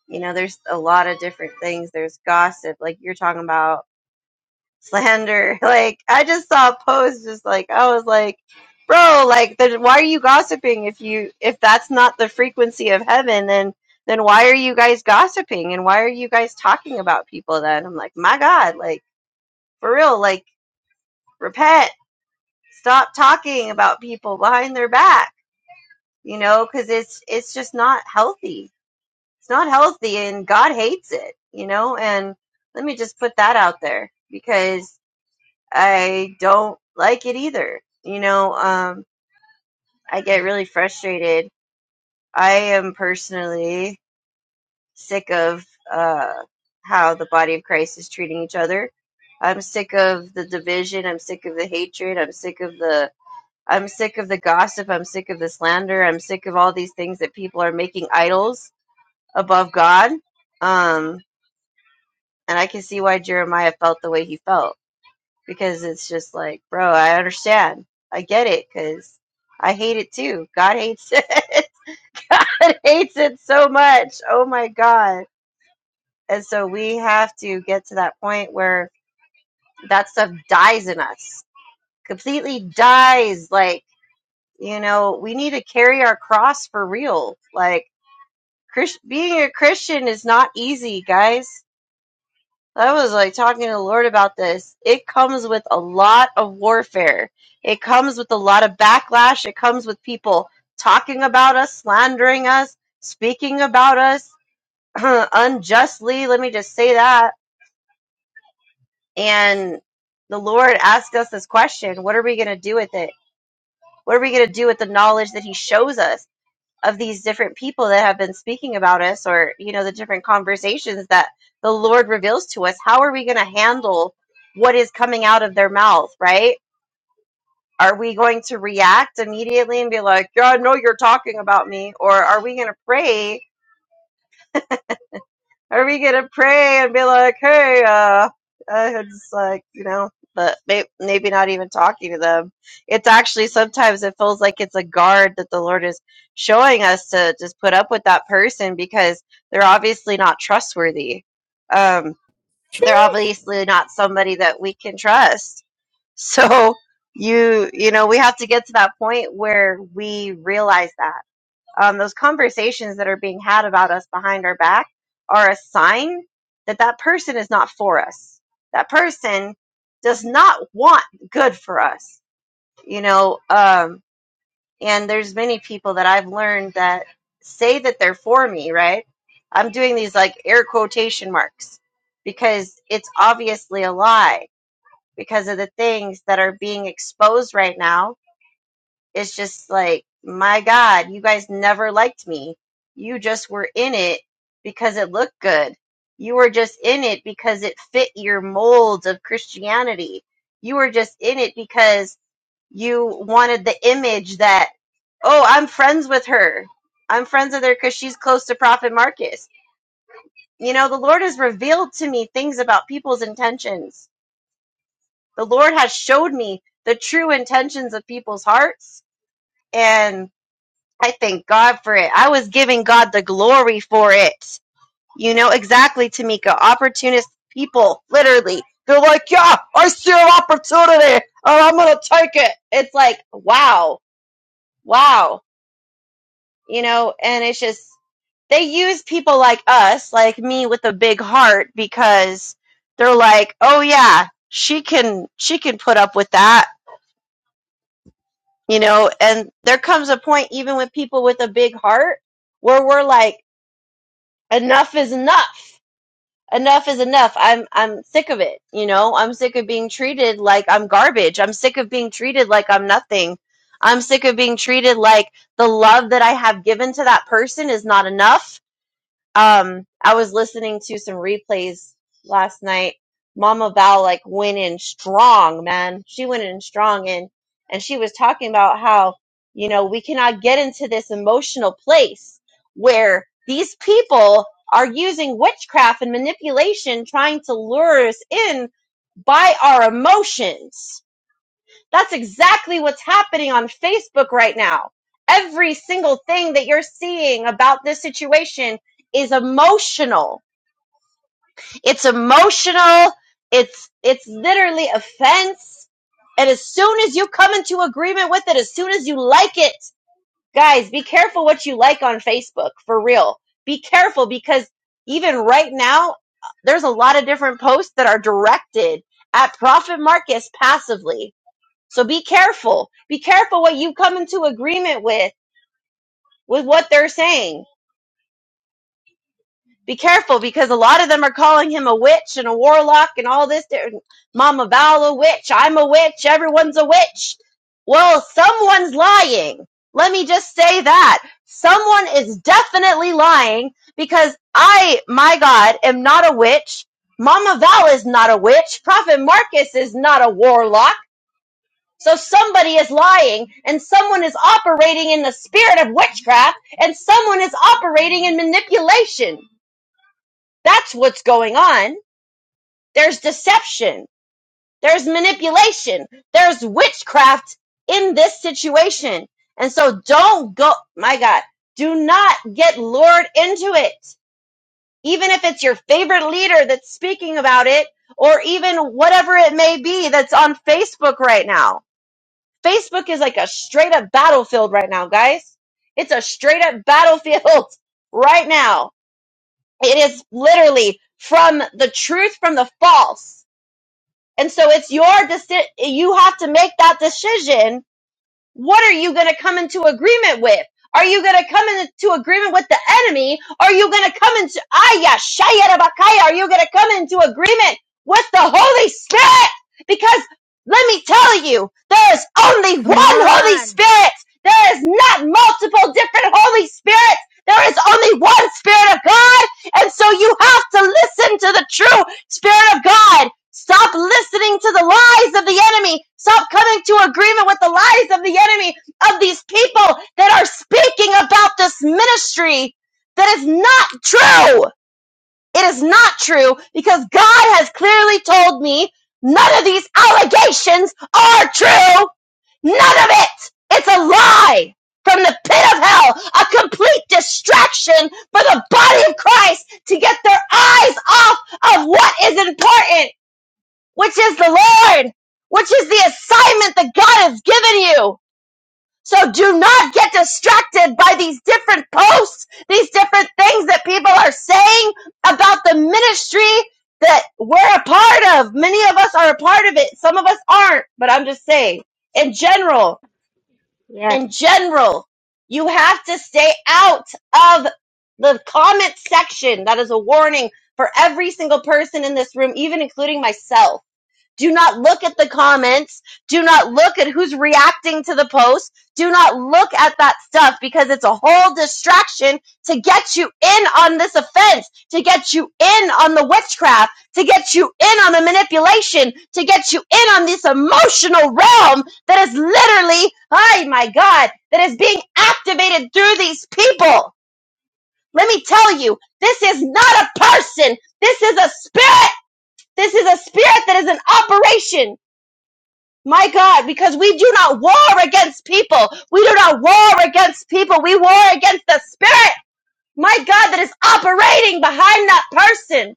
S3: you know there's a lot of different things there's gossip like you're talking about slander like i just saw a post just like i was like bro like then why are you gossiping if you if that's not the frequency of heaven then then why are you guys gossiping and why are you guys talking about people then i'm like my god like for real like repent stop talking about people behind their back you know because it's it's just not healthy It's not healthy and God hates it, you know? And let me just put that out there because I don't like it either. You know, um, I get really frustrated. I am personally sick of uh, how the body of Christ is treating each other. I'm sick of the division. I'm sick of the hatred. I'm sick of the. I'm sick of the gossip. I'm sick of the slander. I'm sick of all these things that people are making idols above God. Um, And I can see why Jeremiah felt the way he felt because it's just like, bro, I understand. I get it because I hate it too. God hates it. God hates it so much. Oh my God. And so we have to get to that point where that stuff dies in us, completely dies. Like, you know, we need to carry our cross for real. Like, Christ- being a Christian is not easy, guys. I was like talking to the Lord about this. It comes with a lot of warfare. It comes with a lot of backlash. It comes with people talking about us, slandering us, speaking about us unjustly. Let me just say that. And the Lord asked us this question What are we going to do with it? What are we going to do with the knowledge that He shows us? of these different people that have been speaking about us or you know the different conversations that the lord reveals to us how are we going to handle what is coming out of their mouth right are we going to react immediately and be like yeah i know you're talking about me or are we going to pray are we gonna pray and be like, hey, uh, uh, it's like, you know, but may- maybe not even talking to them. It's actually sometimes it feels like it's a guard that the Lord is showing us to just put up with that person because they're obviously not trustworthy. Um, they're
S2: Truth.
S3: obviously not somebody that we can trust. So you, you know, we have to get to that point where we realize that um, those conversations that are being had about us behind our back are a sign that that person is not for us. That person does not want good for us, you know. Um, and there's many people that I've learned that say that they're for me, right? I'm doing these like air quotation marks because it's obviously a lie because of the things that are being exposed right now it's just like, my God, you guys never liked me. You just were in it because it looked good. You were just in it because it fit your mold of Christianity. You were just in it because you wanted the image that, oh, I'm friends with her. I'm friends with her because she's close to Prophet Marcus. You know, the Lord has revealed to me things about people's intentions. The Lord has showed me the true intentions of people's hearts. And I thank God for it. I was giving God the glory for it. You know, exactly, Tamika. Opportunist people, literally. They're like, yeah, I see an opportunity and I'm going to take it. It's like, wow, wow. You know, and it's just, they use people like us, like me with a big heart, because they're like, oh yeah, she can, she can put up with that. You know, and there comes a point, even with people with a big heart, where we're like, enough is enough. Enough is enough. I'm I'm sick of it, you know? I'm sick of being treated like I'm garbage. I'm sick of being treated like I'm nothing. I'm sick of being treated like the love that I have given to that person is not enough um, I was listening to some replays last night. Mama Val like went in strong, man. She went in strong and and she was talking about how, you know, we cannot get into this emotional place where these people are using witchcraft and manipulation trying to lure us in by our emotions that's exactly what's happening on Facebook right now. Every single thing that you're seeing about this situation is emotional. It's emotional. It's it's literally offense. And as soon as you come into agreement with it, as soon as you like it, guys, be careful what you like on Facebook for real. Be careful because even right now, there's a lot of different posts that are directed at Prophet Marcus passively so be careful. Be careful what you come into agreement with, with what they're saying. Be careful because a lot of them are calling him a witch and a warlock and all this. They're- Mama Val a witch. I'm a witch. Everyone's a witch. Well, someone's lying. Let me just say that. Someone is definitely lying because I, my God, am not a witch. Mama Val is not a witch. Prophet Marcus is not a warlock. So somebody is lying and someone is operating in the spirit of witchcraft and someone is operating in manipulation. That's what's going on. There's deception. There's manipulation. There's witchcraft in this situation. And so don't go, my God, do not get lured into it. Even if it's your favorite leader that's speaking about it or even whatever it may be that's on Facebook right now Facebook is like a straight up battlefield right now, guys. It's a straight up battlefield right now. It is literally from the truth from the false. And so it's your decision. You have to make that decision what are you going to come into agreement with? Are you going to come into agreement with the enemy? Are you going to come into, Aya, Shaya, are you going to come into agreement with the Holy Spirit? Because let me tell you, there is only one
S2: Come
S3: Holy
S2: on.
S3: Spirit. There is not multiple different Holy Spirits. There is only one Spirit of God. And so you have to listen to the truth. Spirit of God, stop listening to the lies of the enemy. Stop coming to agreement with the lies of the enemy of these people that are speaking about this ministry that is not true. It is not true because God has clearly told me none of these allegations are true. None of it. It's a lie from the pit of hell, a complete distraction for the body of Christ to get their eyes off of what is important, which is the Lord, which is the assignment that God has given you. So do not get distracted by these different posts, these different things that people are saying about the ministry that we're a part of. Many of us are a part of it. Some of us aren't, but I'm just saying in general,
S2: Yes.
S3: in general, you have to stay out of the comment section. That is a warning for every single person in this room, even including myself do not look at the comments. Do not look at who's reacting to the post. Do not look at that stuff because it's a whole distraction to get you in on this offense, to get you in on the witchcraft, to get you in on the manipulation, to get you in on this emotional realm that is literally, oh my God, that is being activated through these people. Let me tell you, this is not a person. This is a spirit. This is a spirit that is in operation my God, because we do not war against people. We do not war against people. We war against the spirit, my God, that is operating behind that person.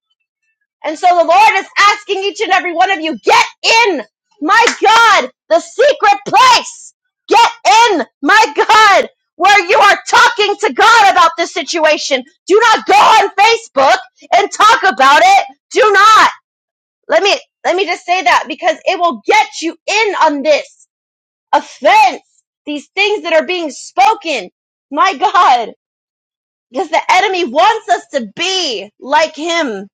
S3: And so the Lord is asking each and every one of you, get in, my God, the secret place. Get in, my God, where you are talking to God about this situation. Do not go on Facebook and talk about it. Do not. Let me, let me just say that because it will get you in on this offense, these things that are being spoken. My God, because the enemy wants us to be like him.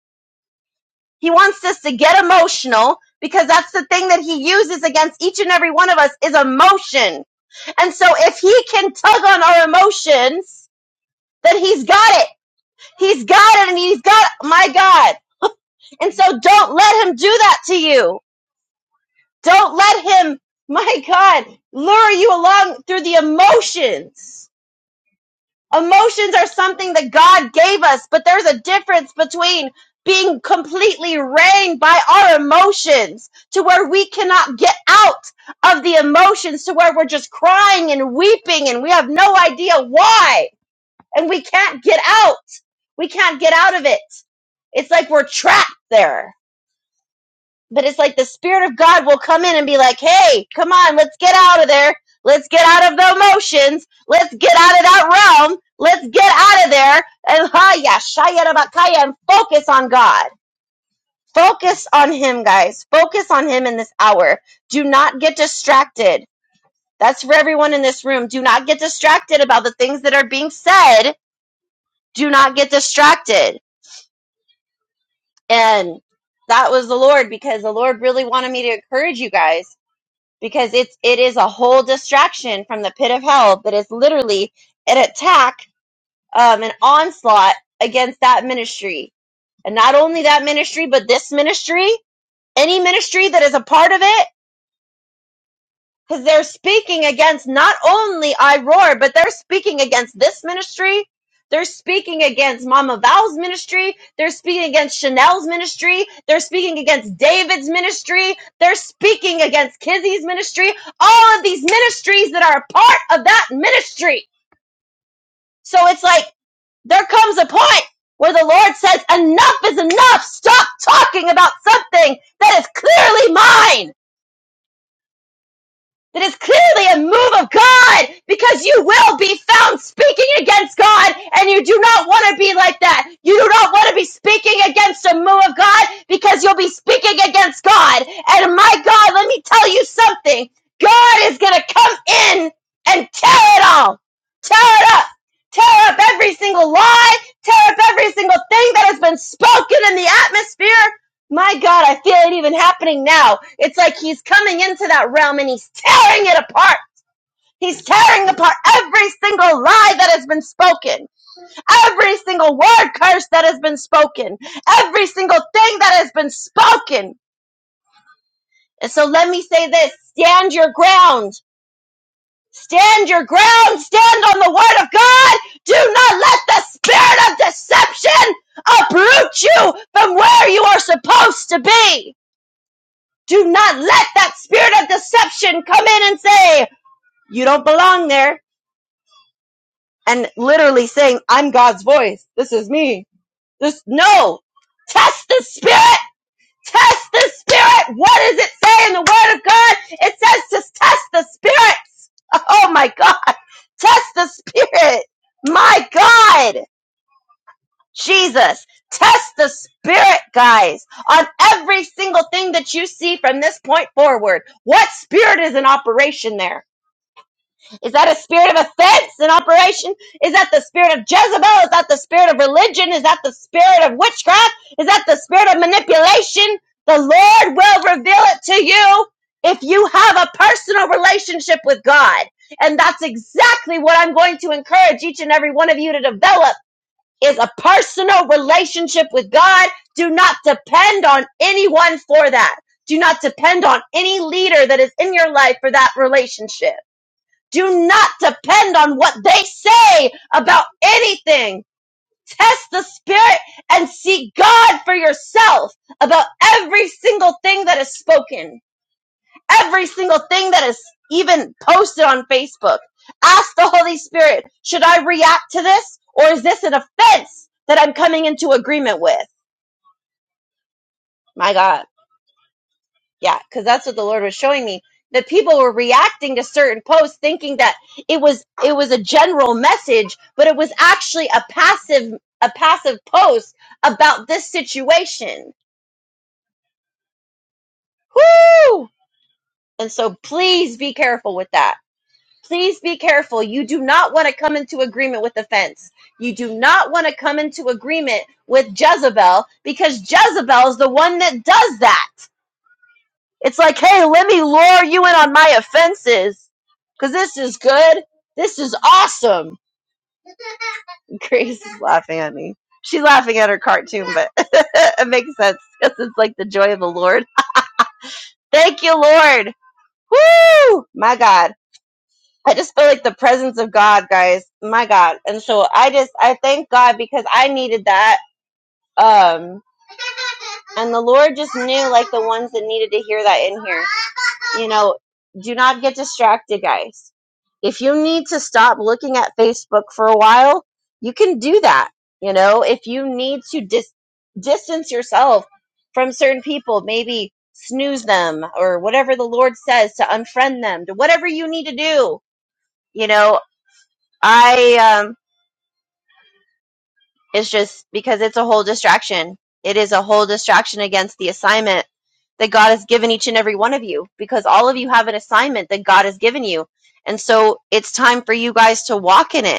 S3: He wants us to get emotional because that's the thing that he uses against each and every one of us is emotion. And so if he can tug on our emotions, then he's got it. He's got it and he's got, it. my God. And so don't let him do that to you. Don't let him, my God, lure you along through the emotions Emotions are something that God gave us, but there's a difference between being completely reigned by our emotions to where we cannot get out of the emotions to where we're just crying and weeping and we have no idea why and we can't get out. We can't get out of it. It's like we're trapped there. But it's like the Spirit of God will come in and be like, hey, come on, let's get out of there. Let's get out of the emotions. Let's get out of that realm. Let's get out of there and haya, shayarabakaya, and focus on God. Focus on Him, guys. Focus on Him in this hour. Do not get distracted. That's for everyone in this room. Do not get distracted about the things that are being said. Do not get distracted. And that was the Lord because the Lord really wanted me to encourage you guys because it's it is a whole distraction from the pit of hell that is literally an attack, um, an onslaught against that ministry, and not only that ministry, but this ministry, any ministry that is a part of it because they're speaking against not only I Roar, but they're speaking against this ministry. They're speaking against Mama Val's ministry. They're speaking against Chanel's ministry. They're speaking against David's ministry. They're speaking against Kizzy's ministry. All of these ministries that are a part of that ministry. So it's like there comes a point where the Lord says, enough is enough. Stop talking about something that is clearly mine. that is clearly a move of God because you will be found speaking against God and you do not want to be like that. You do not want to be speaking against a move of God because you'll be speaking against God. And my God, let me tell you something. God is going to come in and tear it all. Tear it up. Tear up every single lie. Tear up every single thing that has been spoken in the atmosphere my God, I feel it even happening now. It's like he's coming into that realm and he's tearing it apart. He's tearing apart every single lie that has been spoken, every single word curse that has been spoken, every single thing that has been spoken. And so let me say this stand your ground. Stand your ground. Stand on the word of God. Do not let the spirit of deception uproot you from where you are supposed to be. Do not let that spirit of deception come in and say, you don't belong there. And literally saying, I'm God's voice. This is me. This, no. Test the spirit. Test the spirit. What does it say in the word of God? It says to test the spirits. Oh my God. Test the spirit. My God. Jesus, test the spirit, guys, on every single thing that you see from this point forward. What spirit is in operation there? Is that a spirit of offense in operation? Is that the spirit of Jezebel? Is that the spirit of religion? Is that the spirit of witchcraft? Is that the spirit of manipulation? The Lord will reveal it to you if you have a personal relationship with God. And that's exactly what I'm going to encourage each and every one of you to develop is a personal relationship with God. Do not depend on anyone for that. Do not depend on any leader that is in your life for that relationship. Do not depend on what they say about anything. Test the spirit and seek God for yourself about every single thing that is spoken every single thing that is even posted on Facebook. Ask the Holy Spirit, should I react to this or is this an offense that I'm coming into agreement with? My God. Yeah, because that's what the Lord was showing me. That people were reacting to certain posts thinking that it was it was a general message, but it was actually a passive a passive post about this situation. Whoo! And so please be careful with that please be careful. You do not want to come into agreement with offense. You do not want to come into agreement with Jezebel because Jezebel is the one that does that. It's like, hey, let me lure you in on my offenses because this is good. This is awesome. Grace is laughing at me. She's laughing at her cartoon, but it makes sense because it's like the joy of the Lord. Thank you, Lord. Woo! My God. I just feel like the presence of God, guys. My God. And so I just I thank God because I needed that. Um and the Lord just knew like the ones that needed to hear that in here. You know, do not get distracted, guys. If you need to stop looking at Facebook for a while, you can do that. You know, if you need to dis- distance yourself from certain people, maybe snooze them or whatever the Lord says to unfriend them, to whatever you need to do you know I um it's just because it's a whole distraction. It is a whole distraction against the assignment that God has given each and every one of you because all of you have an assignment that God has given you. And so it's time for you guys to walk in it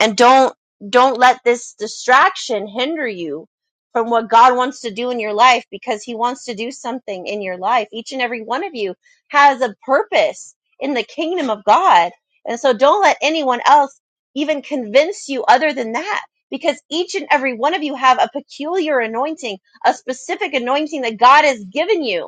S3: and don't don't let this distraction hinder you from what God wants to do in your life because he wants to do something in your life. Each and every one of you has a purpose in the kingdom of God. And so don't let anyone else even convince you other than that because each and every one of you have a peculiar anointing, a specific anointing that God has given you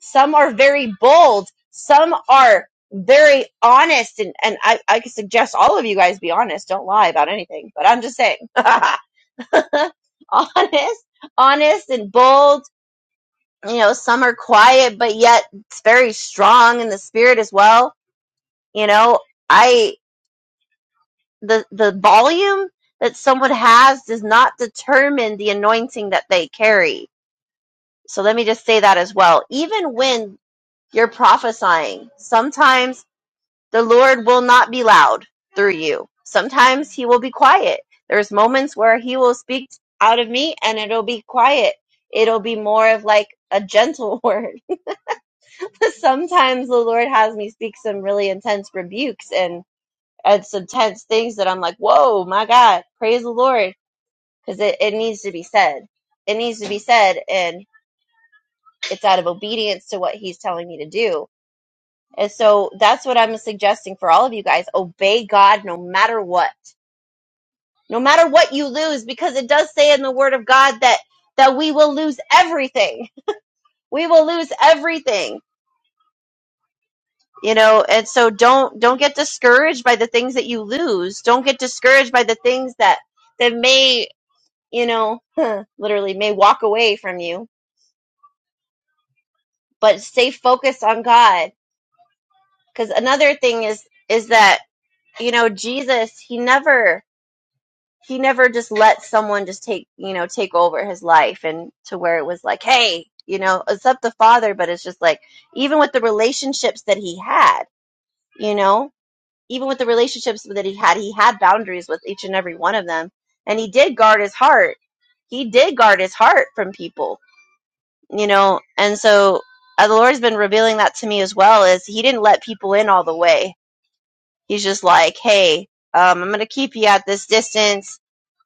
S3: some are very bold. Some are very honest. And, and I, I could suggest all of you guys be honest. Don't lie about anything, but I'm just saying. honest, honest and bold. You know, some are quiet, but yet it's very strong in the spirit as well. You know, I, the, the volume that someone has does not determine the anointing that they carry. So let me just say that as well. Even when you're prophesying, sometimes The Lord will not be loud through you. Sometimes he will be quiet. There's moments where he will speak out of me and it'll be quiet. It'll be more of like a gentle word. Sometimes the Lord has me speak some really intense rebukes and, and some tense things that I'm like, whoa, my God, praise the Lord. Because it, it needs to be said. It needs to be said. And it's out of obedience to what he's telling me to do. And so that's what I'm suggesting for all of you guys. Obey God no matter what no matter what you lose because it does say in the word of god that that we will lose everything we will lose everything you know and so don't don't get discouraged by the things that you lose don't get discouraged by the things that that may you know literally may walk away from you but stay focused on god because another thing is is that you know jesus he never he never just let someone just take you know take over his life and to where it was like hey you know it's up the father but it's just like even with the relationships that he had you know even with the relationships that he had he had boundaries with each and every one of them and he did guard his heart he did guard his heart from people you know and so uh, the lord's been revealing that to me as well is he didn't let people in all the way he's just like hey um, i'm gonna keep you at this distance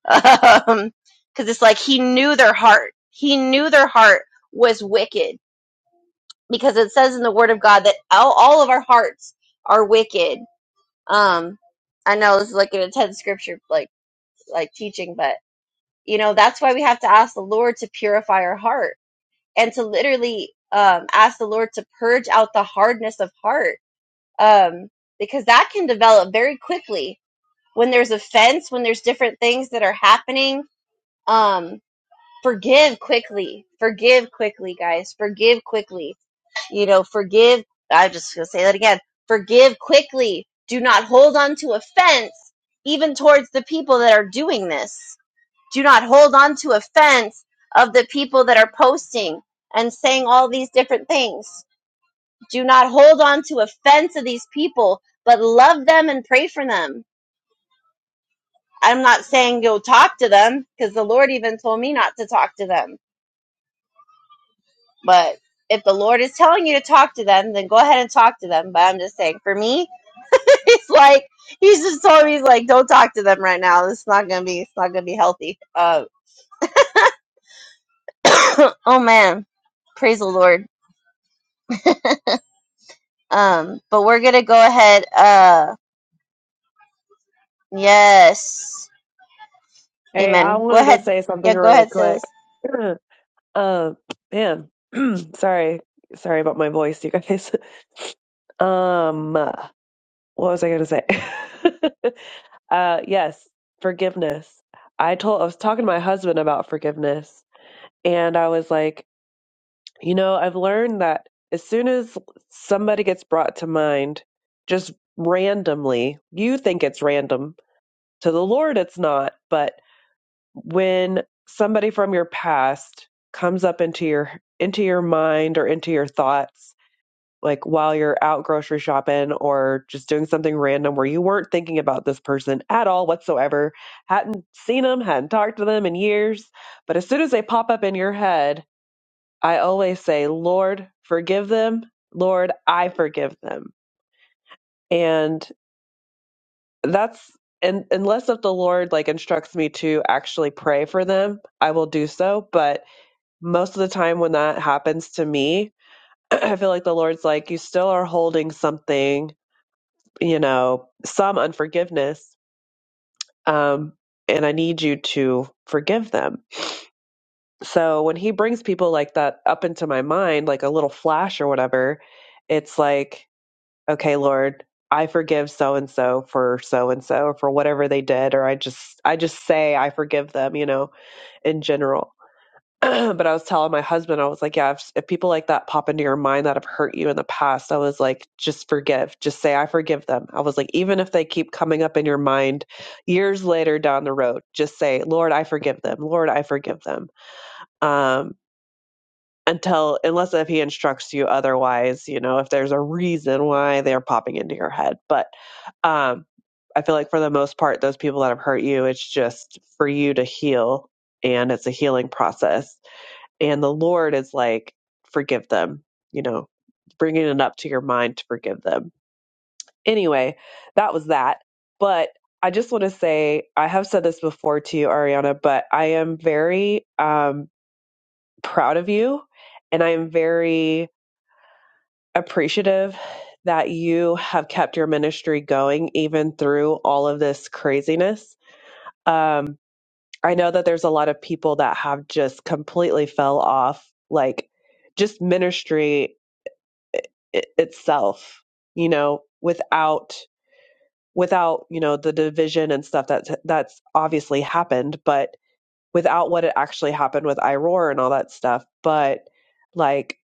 S3: um because it's like he knew their heart he knew their heart was wicked because it says in the word of god that all, all of our hearts are wicked um i know this is like an intense scripture like like teaching but you know that's why we have to ask the lord to purify our heart and to literally um ask the lord to purge out the hardness of heart um because that can develop very quickly when there's offense when there's different things that are happening Um. forgive quickly. Forgive quickly, guys. Forgive quickly. You know, forgive. I'm just going to say that again. Forgive quickly. Do not hold on to offense, even towards the people that are doing this. Do not hold on to offense of the people that are posting and saying all these different things. Do not hold on to offense of these people, but love them and pray for them. I'm not saying go talk to them because the Lord even told me not to talk to them But if the Lord is telling you to talk to them, then go ahead and talk to them. But I'm just saying, for me, it's like he's just told me, he's like, don't talk to them right now. It's not gonna be, it's not gonna be healthy. Uh, oh man, praise the Lord. Um, but we're gonna go ahead. Uh, yes,
S1: Hey, I
S3: Amen. Go
S1: wanted to
S3: ahead.
S1: say something
S3: Yeah, go
S1: really
S3: ahead,
S1: quick.
S3: sis.
S1: Uh, man, sorry, sorry about my voice, you guys. Um, uh, what was I gonna say? uh, yes, forgiveness. I told I was talking to my husband about forgiveness, and I was like, you know, I've learned that as soon as somebody gets brought to mind, just randomly, you think it's random. To the Lord, it's not, but when somebody from your past comes up into your into your mind or into your thoughts like while you're out grocery shopping or just doing something random where you weren't thinking about this person at all whatsoever hadn't seen them hadn't talked to them in years but as soon as they pop up in your head i always say lord forgive them lord i forgive them and that's and unless if the lord like instructs me to actually pray for them i will do so but most of the time when that happens to me, I feel like the Lord's like, you still are holding something, you know, some unforgiveness. Um, and I need you to forgive them. So when he brings people like that up into my mind, like a little flash or whatever, it's like, okay, Lord, I forgive so and so for so and so for whatever they did, or I just I just say I forgive them, you know, in general but I was telling my husband, I was like, yeah, if, if people like that pop into your mind that have hurt you in the past, I was like, just forgive. Just say, I forgive them. I was like, even if they keep coming up in your mind years later down the road, just say, Lord, I forgive them. Lord, I forgive them. Um, until, unless if he instructs you otherwise, you know, if there's a reason why they're popping into your head. But, um, I feel like for the most part, those people that have hurt you, it's just for you to heal and it's a healing process and the Lord is like, forgive them, you know, bringing it up to your mind to forgive them. Anyway, that was that. But I just want to say, I have said this before to you, Ariana, but I am very um, proud of you and I am very appreciative that you have kept your ministry going even through all of this craziness. Um, I know that there's a lot of people that have just completely fell off, like just ministry it, itself you know without without you know the division and stuff that's that's obviously happened but without what it actually happened with iroar and all that stuff but like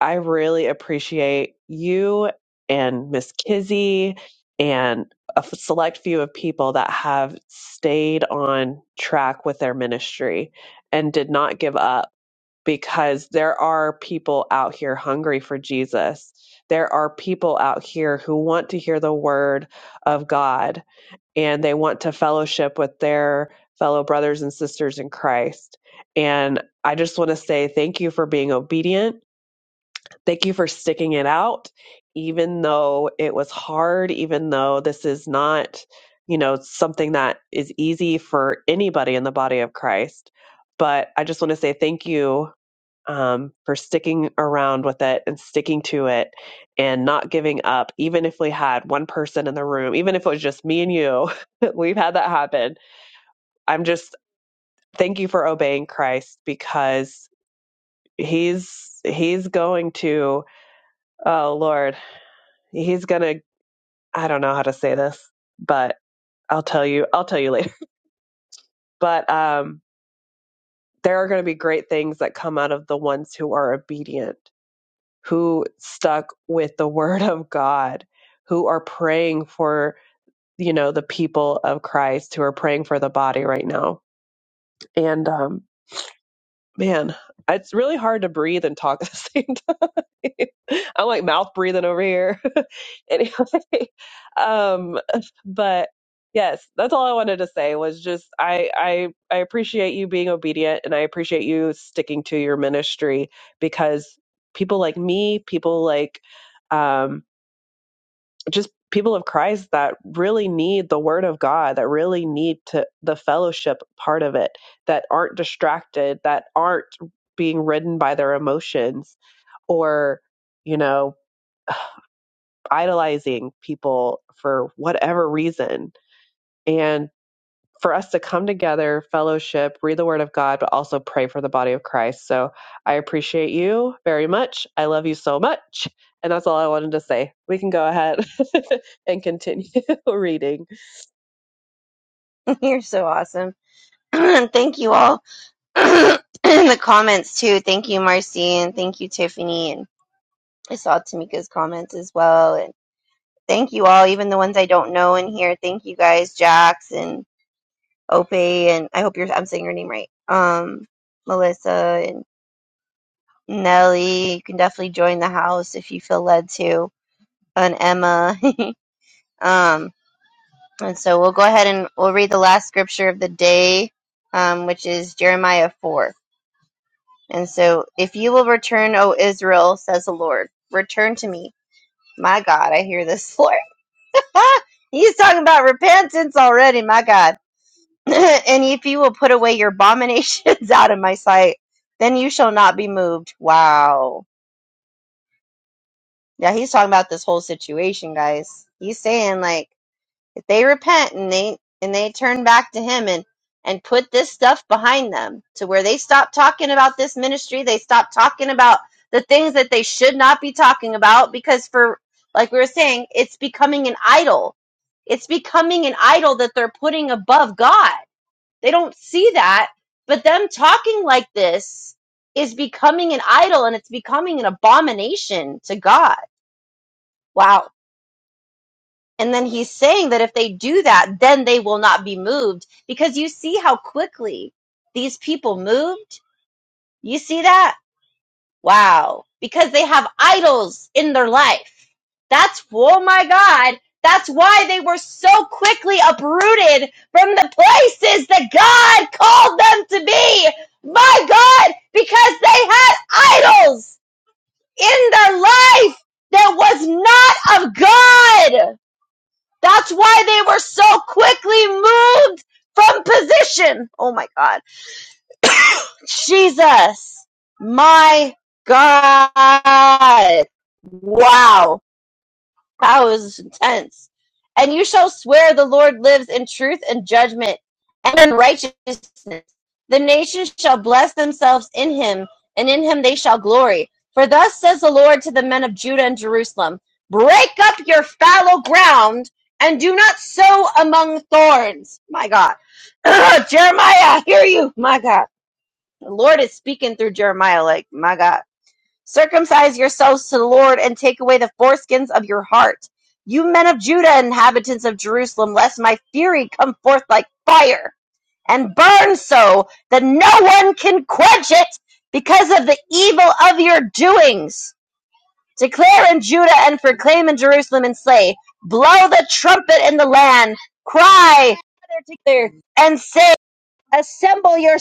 S1: i really appreciate you and miss kizzy and a f- select few of people that have stayed on track with their ministry and did not give up because there are people out here hungry for Jesus. There are people out here who want to hear the word of God and they want to fellowship with their fellow brothers and sisters in Christ. And I just want to say thank you for being obedient. Thank you for sticking it out, even though it was hard, even though this is not, you know, something that is easy for anybody in the body of Christ. But I just want to say thank you um, for sticking around with it and sticking to it and not giving up, even if we had one person in the room, even if it was just me and you. We've had that happen. I'm just thank you for obeying Christ because he's he's going to oh Lord, he's gonna I don't know how to say this, but I'll tell you I'll tell you later. But um there are going to be great things that come out of the ones who are obedient who stuck with the word of God, who are praying for, you know, the people of Christ, who are praying for the body right now. And um Man, it's really hard to breathe and talk at the same time. I'm like mouth breathing over here. anyway, um, but yes, that's all I wanted to say was just I I I appreciate you being obedient and I appreciate you sticking to your ministry because people like me, people like um, just people of Christ that really need the word of God, that really need to the fellowship part of it, that aren't distracted, that aren't being ridden by their emotions or, you know, idolizing people for whatever reason. And for us to come together, fellowship, read the word of God, but also pray for the body of Christ. So I appreciate you very much. I love you so much. And that's all I wanted to say. We can go ahead and continue reading.
S3: You're so awesome. thank you all in the comments too. Thank you, Marcy, and thank you, Tiffany, and I saw Tamika's comments as well. and. thank you all, even the ones I don't know in here. Thank you guys, Jax and Ope, and I hope you're I'm saying your name right. Um, Melissa and Nelly, you can definitely join the house if you feel led to, and Emma. um, and so we'll go ahead and we'll read the last scripture of the day, um, which is Jeremiah four. And so, if you will return, O Israel, says the Lord, return to me. My God, I hear this, Lord. He's talking about repentance already, my God. and if you will put away your abominations out of my sight, then you shall not be moved. Wow. Yeah, he's talking about this whole situation, guys. He's saying like if they repent and they and they turn back to him and and put this stuff behind them to where they stop talking about this ministry, they stop talking about the things that they should not be talking about because for like we were saying, it's becoming an idol. It's becoming an idol that they're putting above God they don't see that. But them talking like this is becoming an idol and it's becoming an abomination to God. Wow. And then he's saying that if they do that, then they will not be moved because you see how quickly these people moved. You see that? Wow. Because they have idols in their life. That's, oh my God. That's why they were so quickly uprooted from the places that God called them to be. My God, because they had idols in their life that was not of God. That's why they were so quickly moved from position. Oh my God. Jesus, my God. Wow. That was intense. And you shall swear the Lord lives in truth and judgment and in righteousness. The nations shall bless themselves in him, and in him they shall glory. For thus says the Lord to the men of Judah and Jerusalem Break up your fallow ground and do not sow among thorns. My God. Jeremiah, I hear you. My God the Lord is speaking through Jeremiah, like, my God. Circumcise yourselves to the Lord and take away the foreskins of your heart. You men of Judah, inhabitants of Jerusalem, lest my fury come forth like fire and burn so that no one can quench it because of the evil of your doings. Declare in Judah and proclaim in Jerusalem and say, Blow the trumpet in the land, cry, together and say, Assemble yourselves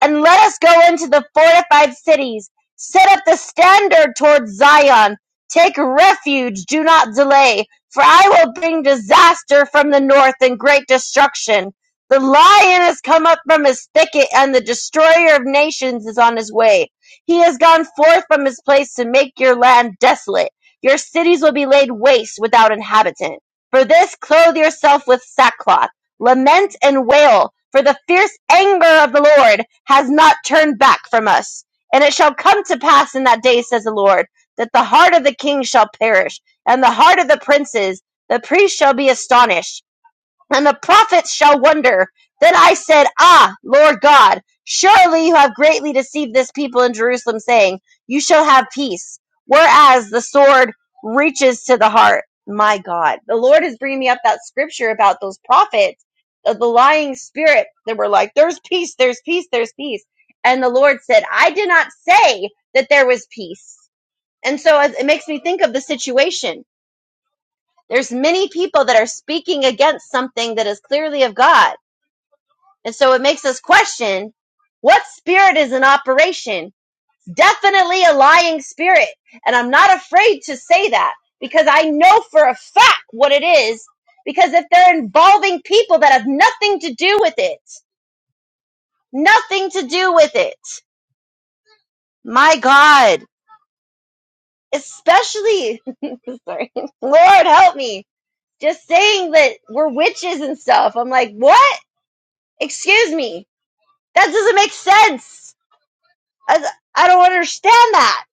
S3: and let us go into the fortified cities, set up the standard toward Zion, take refuge, do not delay, for I will bring disaster from the north and great destruction. The lion has come up from his thicket, and the destroyer of nations is on his way. He has gone forth from his place to make your land desolate. Your cities will be laid waste without inhabitant. For this, clothe yourself with sackcloth Lament and wail, for the fierce anger of the Lord has not turned back from us. And it shall come to pass in that day, says the Lord, that the heart of the king shall perish, and the heart of the princes, the priests shall be astonished. And the prophets shall wonder. Then I said, Ah, Lord God, surely you have greatly deceived this people in Jerusalem, saying, You shall have peace, whereas the sword reaches to the heart. My God. The Lord is bringing me up that scripture about those prophets, of the lying spirit that were like, There's peace, there's peace, there's peace. And the Lord said, I did not say that there was peace. And so it it makes me think of the situation there's many people that are speaking against something that is clearly of God. And so it makes us question what spirit is in operation? Definitely a lying spirit. And I'm not afraid to say that because I know for a fact what it is. Because if they're involving people that have nothing to do with it, nothing to do with it, my God, especially, sorry, Lord help me, just saying that we're witches and stuff. I'm like, what? Excuse me. That doesn't make sense. I, I don't understand that.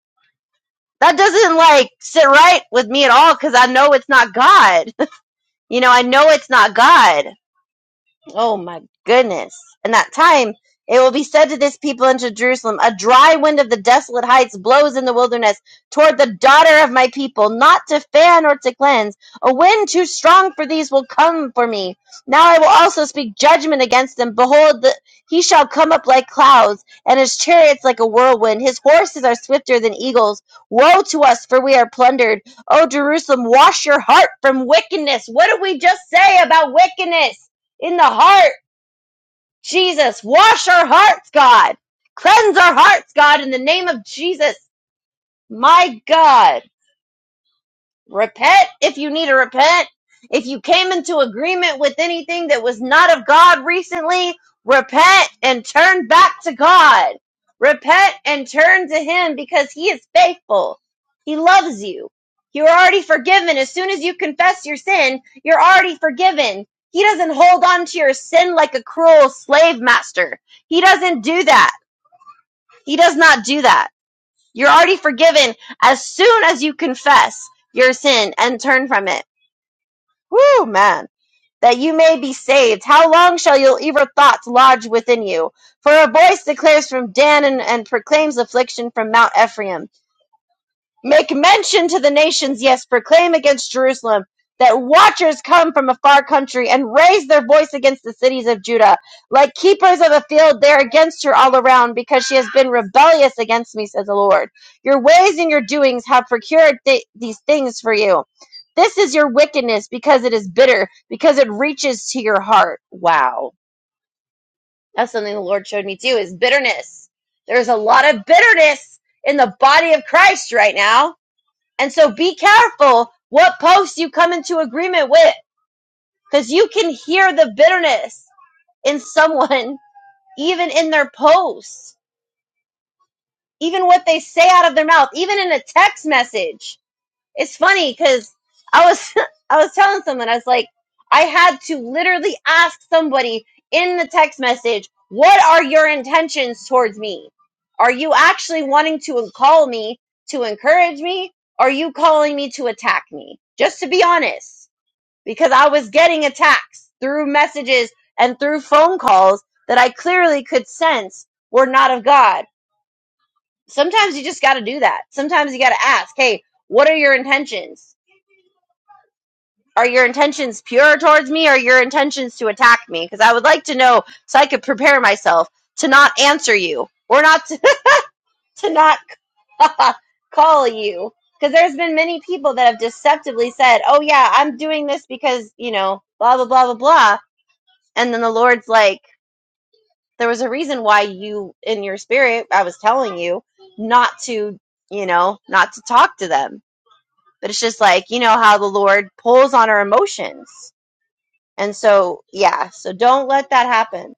S3: That doesn't like sit right with me at all because I know it's not God. you know, I know it's not God. Oh my goodness. In that time, it will be said to this people into Jerusalem, A dry wind of the desolate heights blows in the wilderness toward the daughter of my people, not to fan or to cleanse. A wind too strong for these will come for me. Now I will also speak judgment against them. Behold, the, he shall come up like clouds, and his chariots like a whirlwind. His horses are swifter than eagles. Woe to us, for we are plundered. O Jerusalem, wash your heart from wickedness. What did we just say about wickedness? in the heart, Jesus. Wash our hearts, God. Cleanse our hearts, God, in the name of Jesus. My God. Repent if you need to repent. If you came into agreement with anything that was not of God recently, repent and turn back to God. Repent and turn to Him because He is faithful. He loves you. You're already forgiven. As soon as you confess your sin, you're already forgiven. He doesn't hold on to your sin like a cruel slave master. He doesn't do that. He does not do that. You're already forgiven as soon as you confess your sin and turn from it. Woo, man. That you may be saved. How long shall your evil thoughts lodge within you? For a voice declares from Dan and, and proclaims affliction from Mount Ephraim. Make mention to the nations, yes, proclaim against Jerusalem that watchers come from a far country and raise their voice against the cities of Judah. Like keepers of a field, they're against her all around because she has been rebellious against me, says the Lord. Your ways and your doings have procured th- these things for you. This is your wickedness because it is bitter, because it reaches to your heart. Wow. That's something the Lord showed me too is bitterness. There's a lot of bitterness in the body of Christ right now and so be careful what posts you come into agreement with because you can hear the bitterness in someone, even in their posts, even what they say out of their mouth, even in a text message. It's funny because I was I was telling someone I was like I had to literally ask somebody in the text message, "What are your intentions towards me? Are you actually wanting to call me to encourage me? Are you calling me to attack me?" Just to be honest, because I was getting attacks through messages and through phone calls that I clearly could sense were not of God. Sometimes you just got to do that. Sometimes you got to ask, "Hey, what are your intentions?" Are your intentions pure towards me or are your intentions to attack me? Because I would like to know so I could prepare myself to not answer you or not to, to not call you. Because there's been many people that have deceptively said, oh, yeah, I'm doing this because, you know, blah, blah, blah, blah, blah. And then the Lord's like, there was a reason why you, in your spirit, I was telling you not to, you know, not to talk to them. But it's just like, you know, how the Lord pulls on our emotions And so, yeah, so don't let that happen.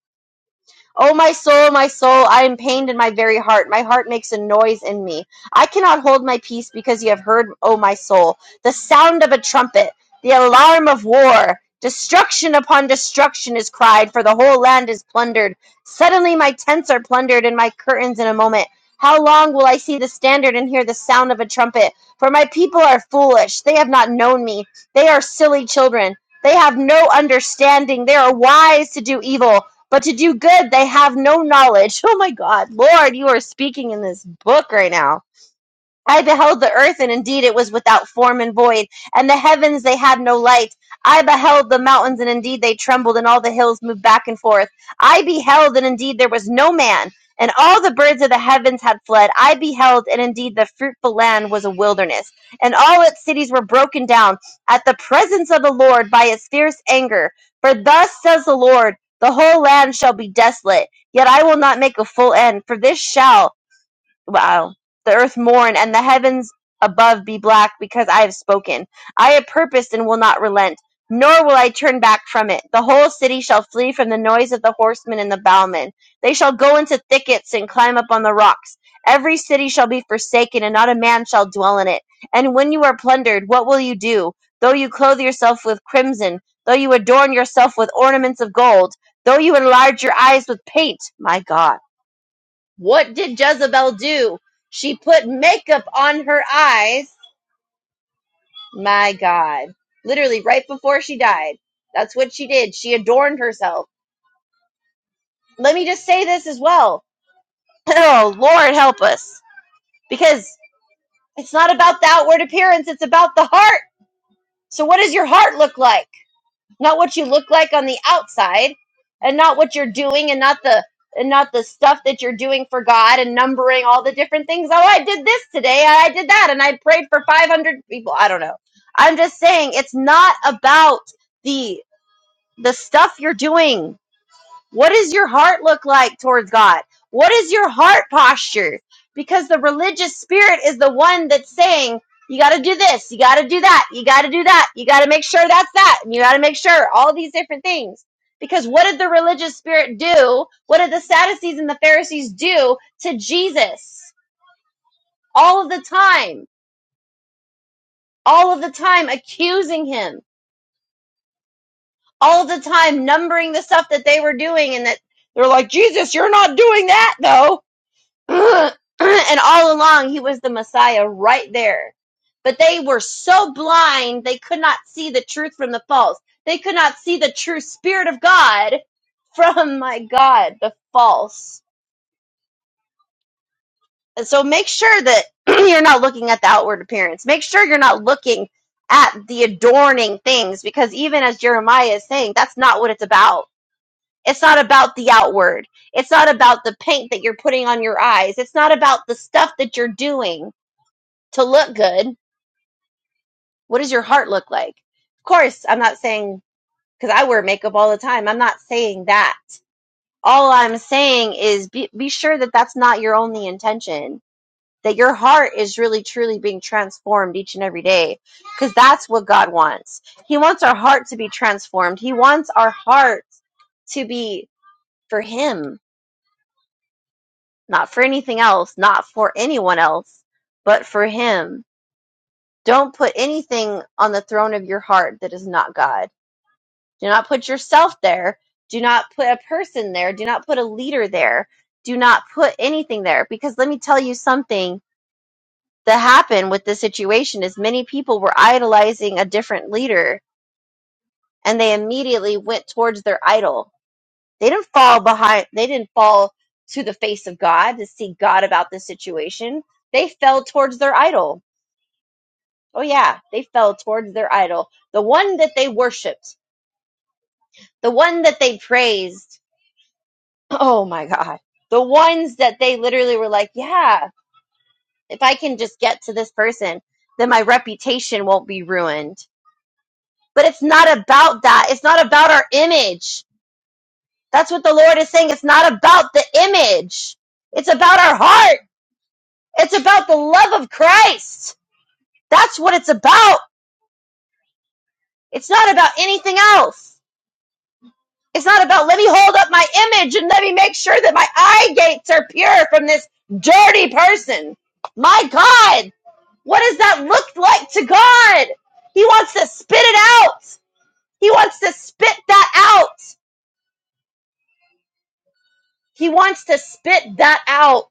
S3: O my soul, my soul, I am pained in my very heart. My heart makes a noise in me. I cannot hold my peace because you have heard, O my soul, the sound of a trumpet, the alarm of war. Destruction upon destruction is cried, for the whole land is plundered. Suddenly my tents are plundered and my curtains in a moment. How long will I see the standard and hear the sound of a trumpet? For my people are foolish. They have not known me. They are silly children. They have no understanding. They are wise to do evil. But to do good, they have no knowledge. Oh my God, Lord, you are speaking in this book right now I beheld the earth, and indeed it was without form and void, and the heavens they had no light. I beheld the mountains, and indeed they trembled, and all the hills moved back and forth. I beheld, and indeed there was no man, and all the birds of the heavens had fled. I beheld, and indeed the fruitful land was a wilderness, and all its cities were broken down at the presence of the Lord by his fierce anger. For thus says the Lord, the whole land shall be desolate, yet I will not make a full end, for this shall wow, the earth mourn, and the heavens above be black, because I have spoken. I have purposed and will not relent, nor will I turn back from it. The whole city shall flee from the noise of the horsemen and the bowmen. They shall go into thickets and climb up on the rocks. Every city shall be forsaken, and not a man shall dwell in it. And when you are plundered, what will you do? Though you clothe yourself with crimson, though you adorn yourself with ornaments of gold, though you enlarge your eyes with paint, my God what did Jezebel do? She put makeup on her eyes. My God. Literally, right before she died. That's what she did. She adorned herself. Let me just say this as well. Oh, Lord, help us. Because it's not about the outward appearance, it's about the heart. So, what does your heart look like? not what you look like on the outside and not what you're doing and not the and not the stuff that you're doing for God and numbering all the different things. Oh, I did this today. I did that and I prayed for 500 people. I don't know. I'm just saying it's not about the the stuff you're doing. What does your heart look like towards God? What is your heart posture? Because the religious spirit is the one that's saying, you got to do this, you got to do that, you got to do that, you got to make sure that's that, and you got to make sure all these different things. Because what did the religious spirit do? What did the Sadducees and the Pharisees do to Jesus? All of the time, all of the time accusing him, all of the time numbering the stuff that they were doing and that they're like, Jesus, you're not doing that though and all along he was the Messiah right there. But they were so blind they could not see the truth from the false. They could not see the true spirit of God from my God, the false. And so make sure that you're not looking at the outward appearance. Make sure you're not looking at the adorning things because even as Jeremiah is saying, that's not what it's about. It's not about the outward. It's not about the paint that you're putting on your eyes. It's not about the stuff that you're doing to look good. What does your heart look like? Of course, I'm not saying because I wear makeup all the time. I'm not saying that. All I'm saying is be, be sure that that's not your only intention. That your heart is really truly being transformed each and every day because that's what God wants. He wants our heart to be transformed. He wants our heart to be for Him, not for anything else, not for anyone else, but for Him. Don't put anything on the throne of your heart that is not God Do not put yourself there. Do not put a person there. Do not put a leader there. Do not put anything there. Because let me tell you something that happened with this situation is many people were idolizing a different leader and they immediately went towards their idol. They didn't fall behind they didn't fall to the face of God to seek God about this situation. They fell towards their idol. Oh yeah, they fell towards their idol. The one that they worshiped, the one that they praised, Oh my God. The ones that they literally were like, yeah, if I can just get to this person, then my reputation won't be ruined. But it's not about that. It's not about our image. That's what the Lord is saying. It's not about the image. It's about our heart. It's about the love of Christ. That's what it's about. It's not about anything else. It's not about let me hold up my image and let me make sure that my eye gates are pure from this dirty person. My God What does that look like to God? He wants to spit it out. He wants to spit that out. He wants to spit that out.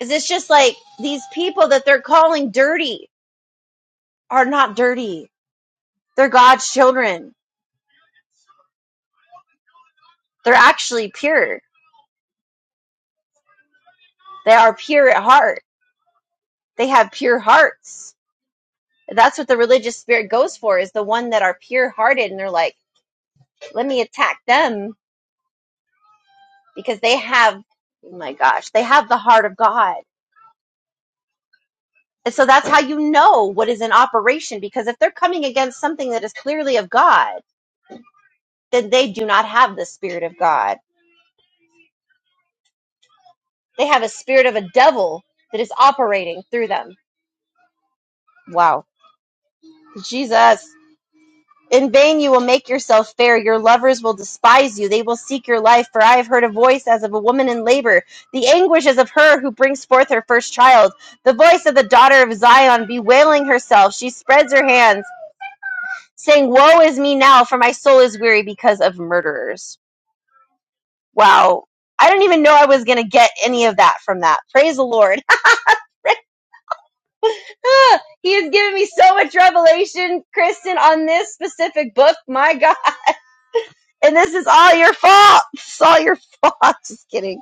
S3: Is it's just like these people that they're calling dirty are not dirty. They're God's children. They're actually pure. They are pure at heart. They have pure hearts. That's what the religious spirit goes for is the one that are pure hearted and they're like, let me attack them because they have oh my gosh, they have the heart of God And so that's how you know what is in operation because if they're coming against something that is clearly of God, then they do not have the spirit of God. They have a spirit of a devil that is operating through them. Wow. Jesus. In vain you will make yourself fair. Your lovers will despise you. They will seek your life, for I have heard a voice as of a woman in labor. The anguish is of her who brings forth her first child. The voice of the daughter of Zion bewailing herself. She spreads her hands saying, Woe is me now, for my soul is weary because of murderers. Wow. I didn't even know I was going to get any of that from that. Praise the Lord. he has given me so much revelation, Kristen, on this specific book. My God. And this is all your fault. It's all your fault. Just kidding.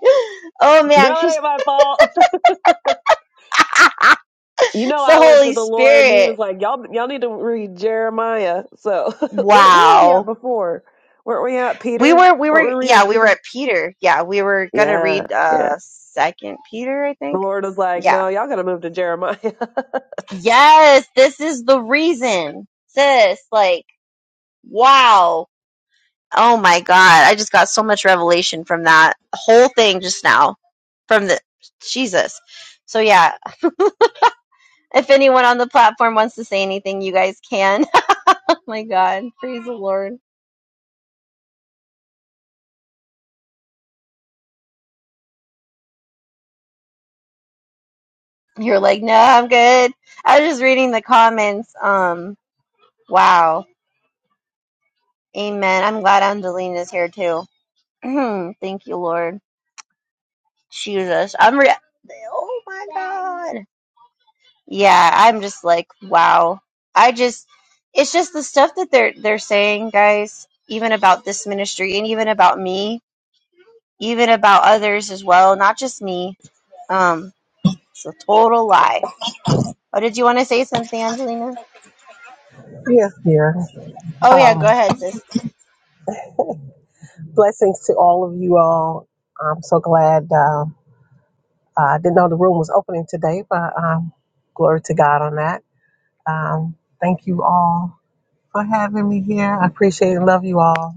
S3: Oh man!
S1: Girl, it ain't my fault. you know,
S3: it's the
S1: I went to
S3: Holy
S1: the Lord and he
S3: Spirit.
S1: was like, y'all, y'all need to read Jeremiah. So where, where were we at
S3: Wow.
S1: before? Weren't we at
S3: We
S1: Peter?
S3: were, we were,
S1: Weren't we reading
S3: yeah, we were
S1: Peter?
S3: at Peter. Yeah, we were going to
S1: Yeah.
S3: read,
S1: Yeah.
S3: uh, second Peter, I
S1: The
S3: think.
S1: Lord was like,
S3: Yeah
S1: no, y'all got to move to Jeremiah.
S3: Yes, this is the reason, sis. Like, wow. Oh my God. I just got so much revelation from that whole thing just now. From the Jesus. So, yeah, if anyone on the platform wants to say anything, you guys can. Oh my God. Praise the Lord. You're like, no, I'm good. I was just reading the comments. Um, wow. Amen. I'm glad Angelina's here too. Thank you, Lord. Jesus. I'm re- Oh my God. yeah, I'm just like, wow. I just it's just the stuff that they're they're saying, guys, even about this ministry and even about me, even about others as well, not just me. Um, it's a total lie. Oh, did you want to say something, Angelina?
S4: Yes, dear.
S3: Oh yeah,
S4: Um,
S3: go ahead, sis.
S4: blessings to all of you all. I'm so glad. Uh, I didn't know the room was opening today, but um, glory to God on that. Um, thank you all for having me here. I appreciate and love you all.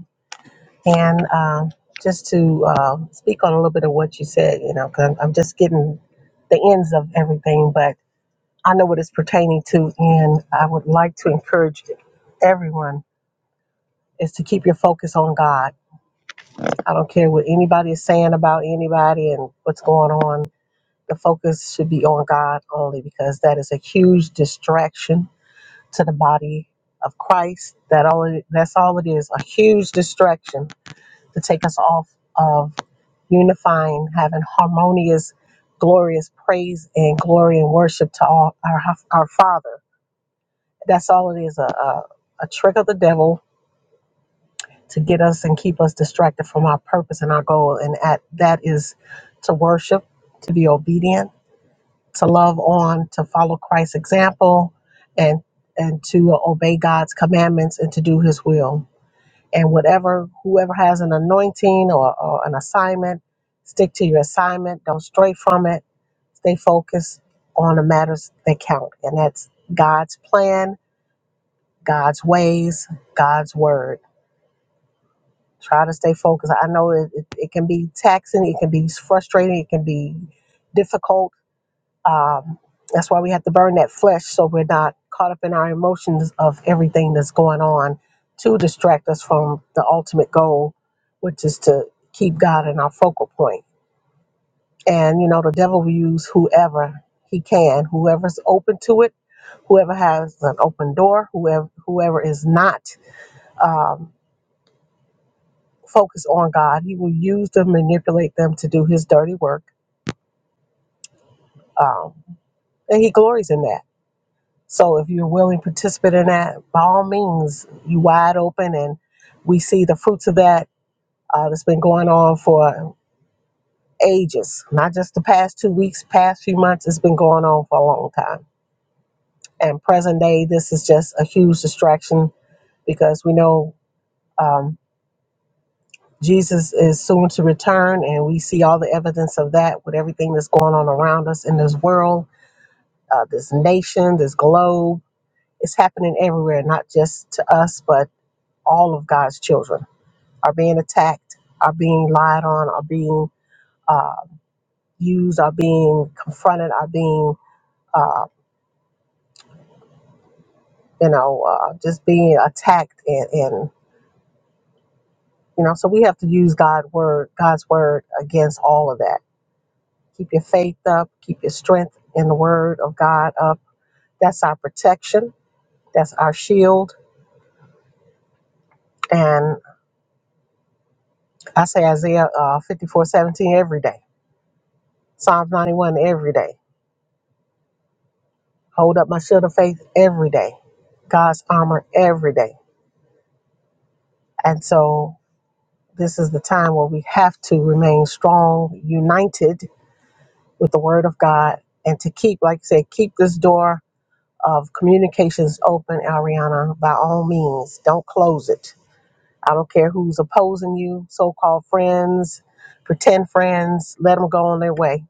S4: And um, just to uh, speak on a little bit of what you said, you know, because I'm, I'm just getting the ends of everything, but I know what it's pertaining to. And I would like to encourage everyone is to keep your focus on God I don't care what anybody is saying about anybody and what's going on. The focus should be on God only because that is a huge distraction to the body of Christ. That all it, that's all it is, a huge distraction to take us off of unifying, having harmonious, glorious praise and glory and worship to all our our Father. That's all it is, a, a, a trick of the devil to get us and keep us distracted from our purpose and our goal. And at, that is to worship, to be obedient, to love on, to follow Christ's example, and and to obey God's commandments and to do His will. And whatever whoever has an anointing or, or an assignment, stick to your assignment. Don't stray from it. Stay focused on the matters that count, and that's God's plan, God's ways, God's word. try to stay focused. I know it, it, it can be taxing, it can be frustrating, it can be difficult. Um, that's why we have to burn that flesh so we're not caught up in our emotions of everything that's going on to distract us from the ultimate goal, which is to keep God in our focal point. And you know, the devil will use whoever he can, whoever's open to it, whoever has an open door, whoever whoever is not. Um, focus on God. He will use them, manipulate them to do his dirty work. Um, and he glories in that. So if you're willing to participate in that, by all means, you wide open and we see the fruits of that uh, that's been going on for ages, not just the past two weeks, past few months. It's been going on for a long time. And present day, this is just a huge distraction because we know um, Jesus is soon to return, and we see all the evidence of that with everything that's going on around us in this world uh, this nation, this globe. It's happening everywhere, not just to us, but all of God's children are being attacked, are being lied on, are being uh, used, are being confronted, are being, uh, you know, uh, just being attacked. And, and, you know, so we have to use God word, God's word against all of that. Keep your faith up, keep your strength in the word of God up. That's our protection, that's our shield. And. I say Isaiah uh, 54 seventeen every day, Psalms 91 every day, hold up my shield of faith every day, God's armor every day. And so this is the time where we have to remain strong, united with the word of God, and to keep, like I said, keep this door of communications open, Ariana, by all means. Don't close it. I don't care who's opposing you, so called friends, pretend friends, let them go on their way.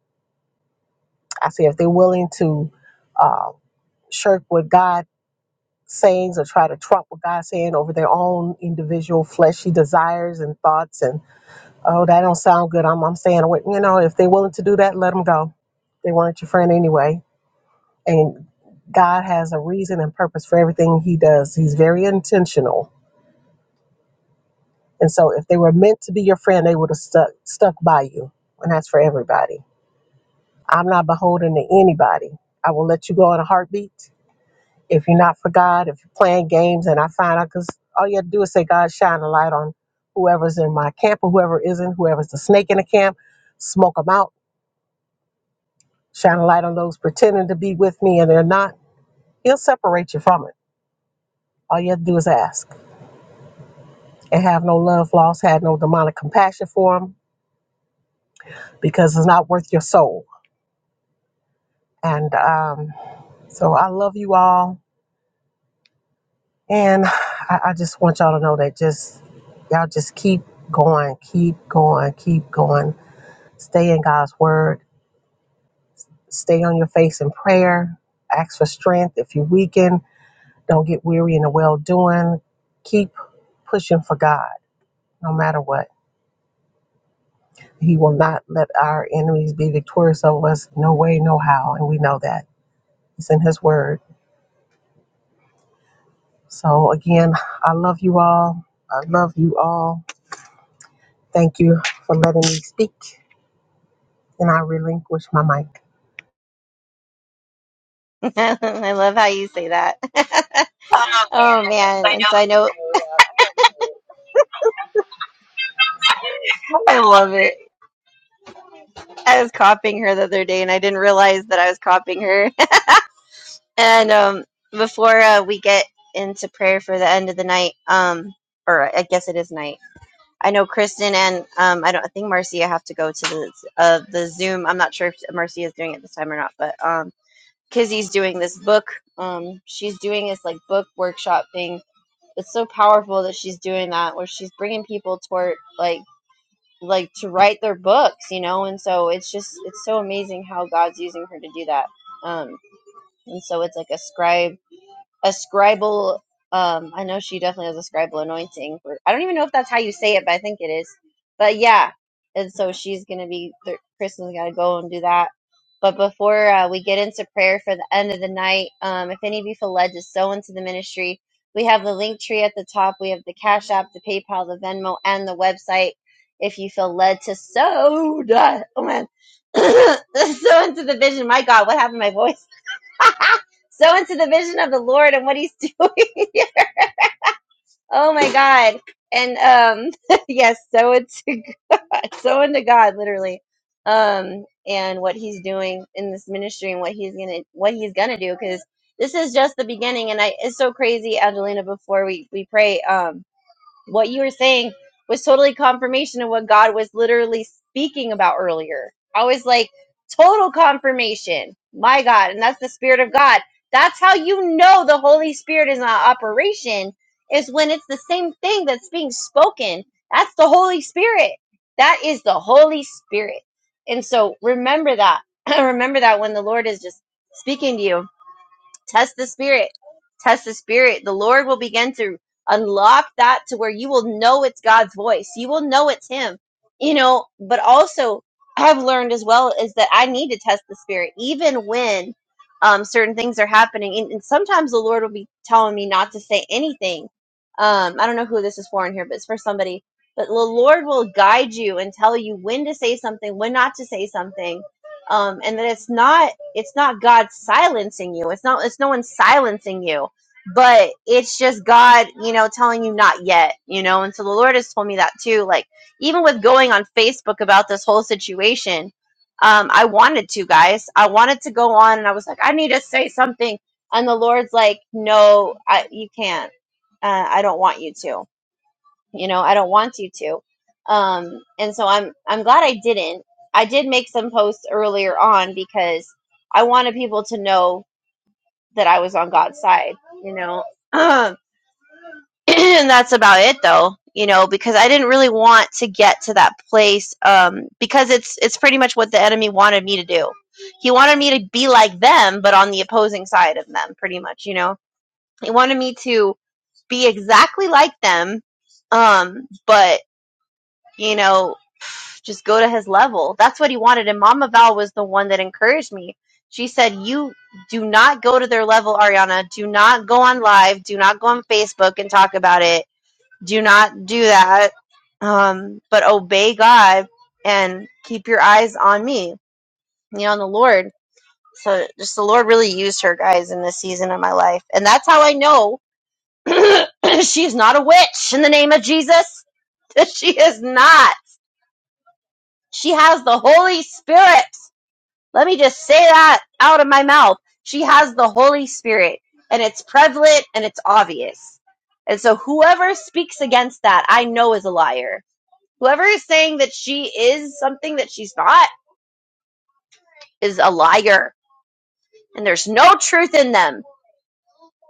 S4: I say if they're willing to. Um, shirk what God sayings or try to trump what God's saying over their own individual fleshy desires and thoughts and oh that don't sound good. I'm I'm saying what you know if they're willing to do that, let them go. They weren't your friend anyway. And God has a reason and purpose for everything He does. He's very intentional. And so if they were meant to be your friend, they would have stuck stuck by you. And that's for everybody. I'm not beholden to anybody. I will let you go in a heartbeat If you're not for God, if you're playing games, and I find out because all you have to do is say, God, shine a light on whoever's in my camp or whoever isn't, whoever's the snake in the camp, smoke them out, shine a light on those pretending to be with me and they're not. He'll separate you from it. All you have to do is ask and have no love lost, had no demonic compassion for them because it's not worth your soul. And um, so I love you all. And I, I just want y'all to know that just y'all just keep going, keep going, keep going. Stay in God's word. Stay on your face in prayer. Ask for strength if you weaken. Don't get weary in the well doing. Keep pushing for God no matter what. He will not let our enemies be victorious over us, no way, no how. And we know that. It's in His word. So, again, I love you all. I love you all. Thank you for letting me speak. And I relinquish my mic.
S3: I love how you say that. oh man, and so I know I love it. I was copying her the other day, and I didn't realize that I was copying her. And um, before uh, we get into prayer for the end of the night, um, or I guess it is night. I know Kristen and um, I don't. I think Marcia have to go to the uh, the Zoom. I'm not sure if Marcia is doing it this time or not, but um, Kizzy's doing this book. Um, she's doing this like book workshop thing. It's so powerful that she's doing that, where she's bringing people toward like like to write their books, you know. And so it's just it's so amazing how God's using her to do that. Um, and so it's like a scribe a scribal. Um, I know she definitely has a scribal anointing. For, I don't even know if that's how you say it, but I think it is. But yeah, and so she's gonna be. th- Kristen's gotta go and do that. But before uh, we get into prayer for the end of the night, um, if any of you feel led to sow into the ministry, we have the link tree at the top. We have the Cash App, the PayPal, the Venmo, and the website. If you feel led to sow, duh, oh man, sow into the vision. My God, what happened to my voice? so into the vision of the Lord and what He's doing. oh my God! And um, yes, so into God, so into God, literally, um, and what He's doing in this ministry and what He's gonna what He's gonna do because this is just the beginning. And I, it's so crazy, Angelina. Before we we pray, um what you were saying was totally confirmation of what God was literally speaking about earlier. I was like, total confirmation. My God. And that's the Spirit of God. That's how you know the Holy Spirit is not operation, is when it's the same thing that's being spoken. That's the Holy Spirit. That is the Holy Spirit. And so remember that. remember that when the Lord is just speaking to you test the spirit test the spirit the lord will begin to unlock that to where you will know it's god's voice you will know it's him you know but also i've learned as well is that i need to test the spirit even when um, certain things are happening and, and sometimes the lord will be telling me not to say anything um, i don't know who this is for in here but it's for somebody but the lord will guide you and tell you when to say something when not to say something um, and that it's not it's not God silencing you. It's not it's no one silencing you, but it's just God, you know, telling you not yet, you know. And so the Lord has told me that too. Like even with going on Facebook about this whole situation, um, I wanted to, guys. I wanted to go on, and I was like, I need to say something. And the Lord's like, No, I, you can't. Uh, I don't want you to you know i don't want you to um and so i'm i'm glad i didn't i did make some posts earlier on because i wanted people to know that i was on god's side you know and that's about it though you know because i didn't really want to get to that place um because it's it's pretty much what the enemy wanted me to do he wanted me to be like them but on the opposing side of them pretty much you know he wanted me to be exactly like them um but you know just go to his level. That's what he wanted. And Mama Val was the one that encouraged me. She said, You do not go to their level, Ariana. Do not go on live. Do not go on Facebook and talk about it. Do not do that. Um, but obey God and keep your eyes on me, you know, on the Lord. So just the Lord really used her, guys, in this season of my life. And that's how I know she's not a witch in the name of Jesus. She is not. She has the Holy Spirit. Let me just say that out of my mouth. She has the Holy Spirit, and it's prevalent and it's obvious. And so, whoever speaks against that, I know is a liar. Whoever is saying that she is something that she's not is a liar, and there's no truth in them.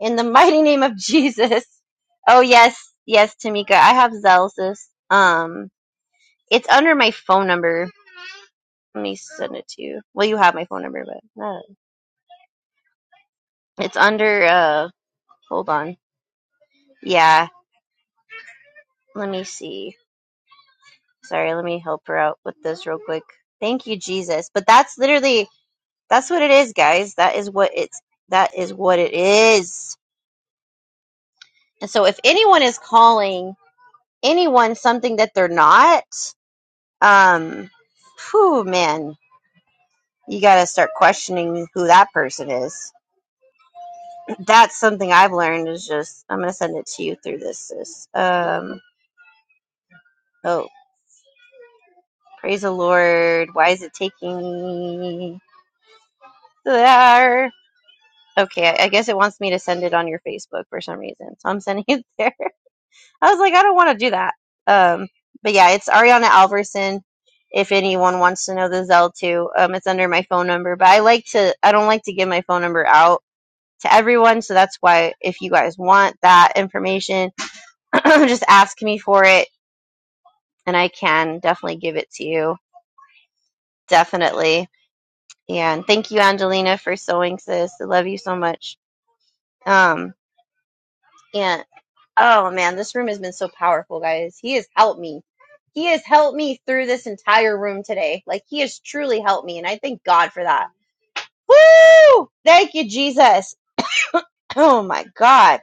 S3: In the mighty name of Jesus. Oh yes, yes, Tamika, I have Zell, sis. Um, it's under my phone number. Let me send it to you. Well, you have my phone number, but uh, it's under. Uh, hold on. Yeah. let me see. Sorry, let me help her out with this real quick. Thank you, Jesus. But that's literally that's what it is, guys. That is what it's that is what it is. And so if anyone is calling anyone something that they're not, um whew man, you gotta start questioning who that person is. That's something I've learned is just I'm gonna send it to you through this sis. Um oh praise the Lord. Why is it taking me there? Okay, I I guess it wants me to send it on your Facebook for some reason. So I'm sending it there. I was like, I don't want to do that. Um, but yeah, it's Ariana Alverson. If anyone wants to know the Zell too, um, it's under my phone number. But I like to, I don't like to give my phone number out to everyone. So that's why if you guys want that information, just ask me for it, and I can definitely give it to you. Definitely. And thank you, Angelina, for sewing, sis. I love you so much. Um, And oh man, this room has been so powerful, guys. He has helped me. He has helped me through this entire room today. Like he has truly helped me, and I thank God for that. Woo! Thank you, Jesus. Oh my God.